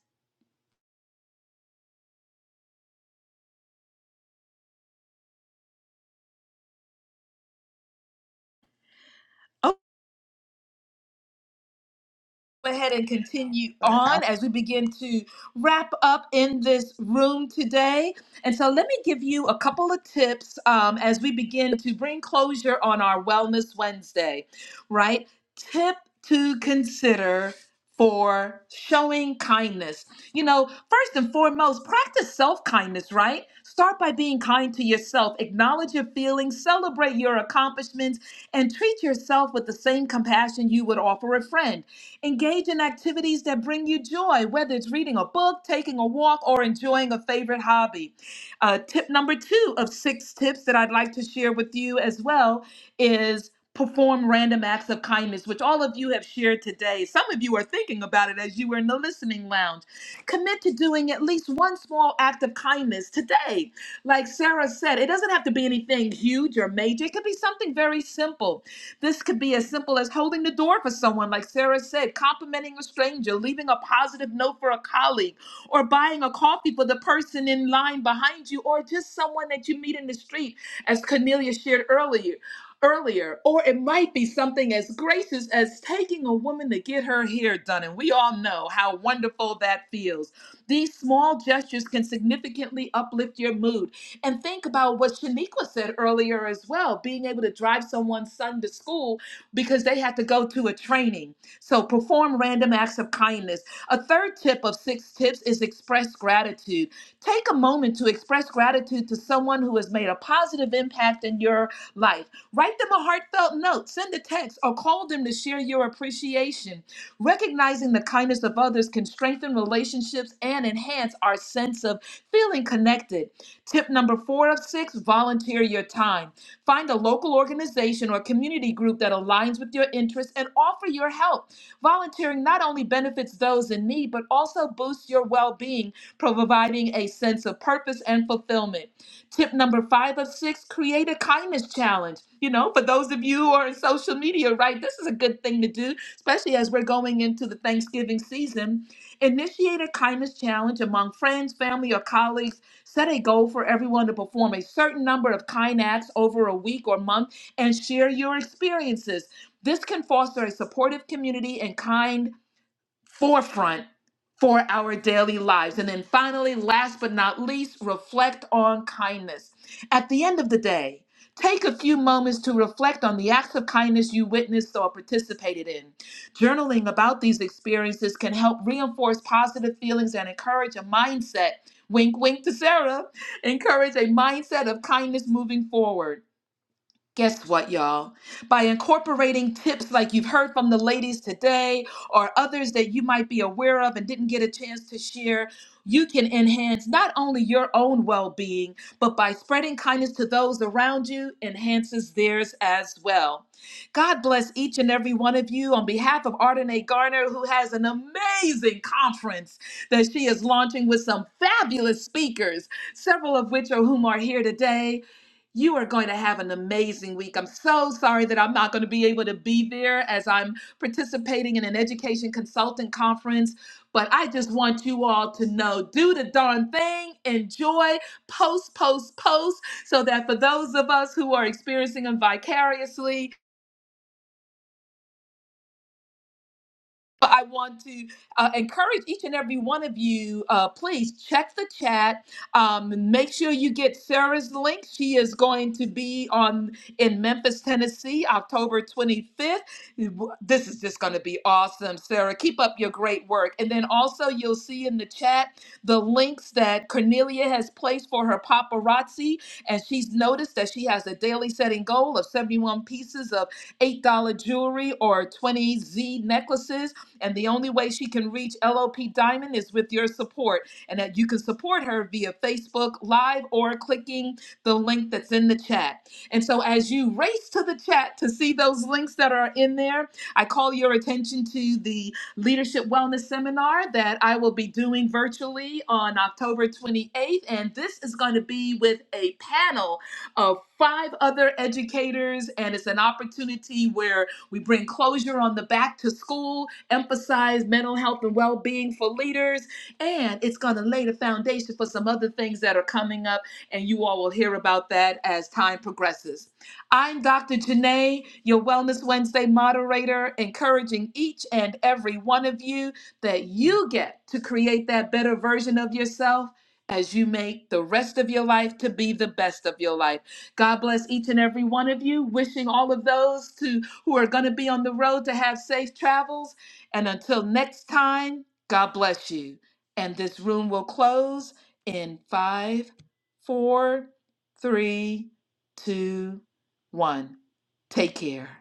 [SPEAKER 1] go ahead and continue
[SPEAKER 8] but I
[SPEAKER 1] on as we begin to wrap up in this room today. And so, let me give you a couple of tips um, as we begin to bring closure on our Wellness Wednesday, right? Tip to consider for showing kindness. You know, first and foremost, practice self kindness, right? Start by being kind to yourself, acknowledge your feelings, celebrate your accomplishments, and treat yourself with the same compassion you would offer a friend Engage in activities that bring you joy, whether it's reading a book, taking a walk, or enjoying a favorite hobby. Uh, tip number two of six tips that I'd like to share with you as well is perform random acts of kindness, which all of you have shared today. Some of you are thinking about it as you were in the listening lounge. Commit to doing at least one small act of kindness today. Like Sarah said, it doesn't have to be anything huge or major, it could be something very simple. This could be as simple as holding the door for someone, like Sarah said, complimenting a stranger, leaving a positive note for a colleague, or buying a coffee for the person in line behind you, or just someone that you meet in the street, as Cornelia shared earlier. Earlier, or it might be something as gracious as taking a woman to get her hair done, and we all know how wonderful that feels. These small gestures can significantly uplift your mood and think about what Shaniqua said earlier as well being able to drive someone's son to school because they had to go to a training. So perform random acts of kindness. A third tip of six tips is express gratitude. Take a moment to express gratitude to someone who has made a positive impact in your life. Write them a heartfelt note, send a text, or call them to share your appreciation. Recognizing the kindness of others can strengthen relationships and enhance our sense of feeling connected. Tip number four of six volunteer your time. Find a local organization or community group that aligns with your interests and offer your help. Volunteering not only benefits those in need, but also boosts your well being, providing a sense of purpose and fulfillment. Tip number five of six create a kindness challenge. You know, for those of you who are in social media, right, this is a good thing to do, especially as we're going into the Thanksgiving season. Initiate a kindness challenge among friends, family, or colleagues Set a goal for everyone to perform a certain number of kind acts over a week or month and share your experiences. This can foster a supportive community and kind forefront for our daily lives. And then finally, last but not least, reflect on kindness. At the end of the day, take a few moments to reflect on the acts of kindness you witnessed or participated in. Journaling about these experiences can help reinforce positive feelings and encourage a mindset. Wink, wink to Sarah. Encourage a mindset of kindness moving forward. Guess what, y'all? By incorporating tips like you've heard from the ladies today or others that you might be aware of and didn't get a chance to share, you can enhance not only your own well being, but by spreading kindness to those around you, enhances theirs as well. God bless each and every one of you on behalf of Ardenae Garner, who has an amazing conference that she is launching with some fabulous speakers, several of which are whom are here today. You are going to have an amazing week. I'm so sorry that I'm not going to be able to be there as I'm participating in an education consultant conference. But I just want you all to know do the darn thing, enjoy, post, post, post, so that for those of us who are experiencing them vicariously, But I want to uh, encourage each and every one of you, uh, please check the chat. Um, and make sure you get Sarah's link. She is going to be on in Memphis, Tennessee, October 25th. This is just going to be awesome, Sarah. Keep up your great work. And then also, you'll see in the chat the links that Cornelia has placed for her paparazzi. And she's noticed that she has a daily setting goal of 71 pieces of $8 jewelry or 20 Z necklaces. And the only way she can reach LOP Diamond is with your support. And that you can support her via Facebook Live or clicking the link that's in the chat. And so as you race to the chat to see those links that are in there, I call your attention to the Leadership Wellness Seminar that I will be doing virtually on October 28th. And this is going to be with a panel of five other educators. And it's an opportunity where we bring closure on the back to school, emphasize mental health and well being for leaders, and it's going to lay the foundation for some other things that are coming up, and you all will hear about that as time progresses. I'm Dr. Janae, your Wellness Wednesday moderator, encouraging each and every one of you that you get to create that better version of yourself as you make the rest of your life to be the best of your life. God bless each and every one of you. Wishing all of those to who are going to be on the road to have safe travels. And until next time, God bless you. And this room will close in five, four, three, two, one. Take care.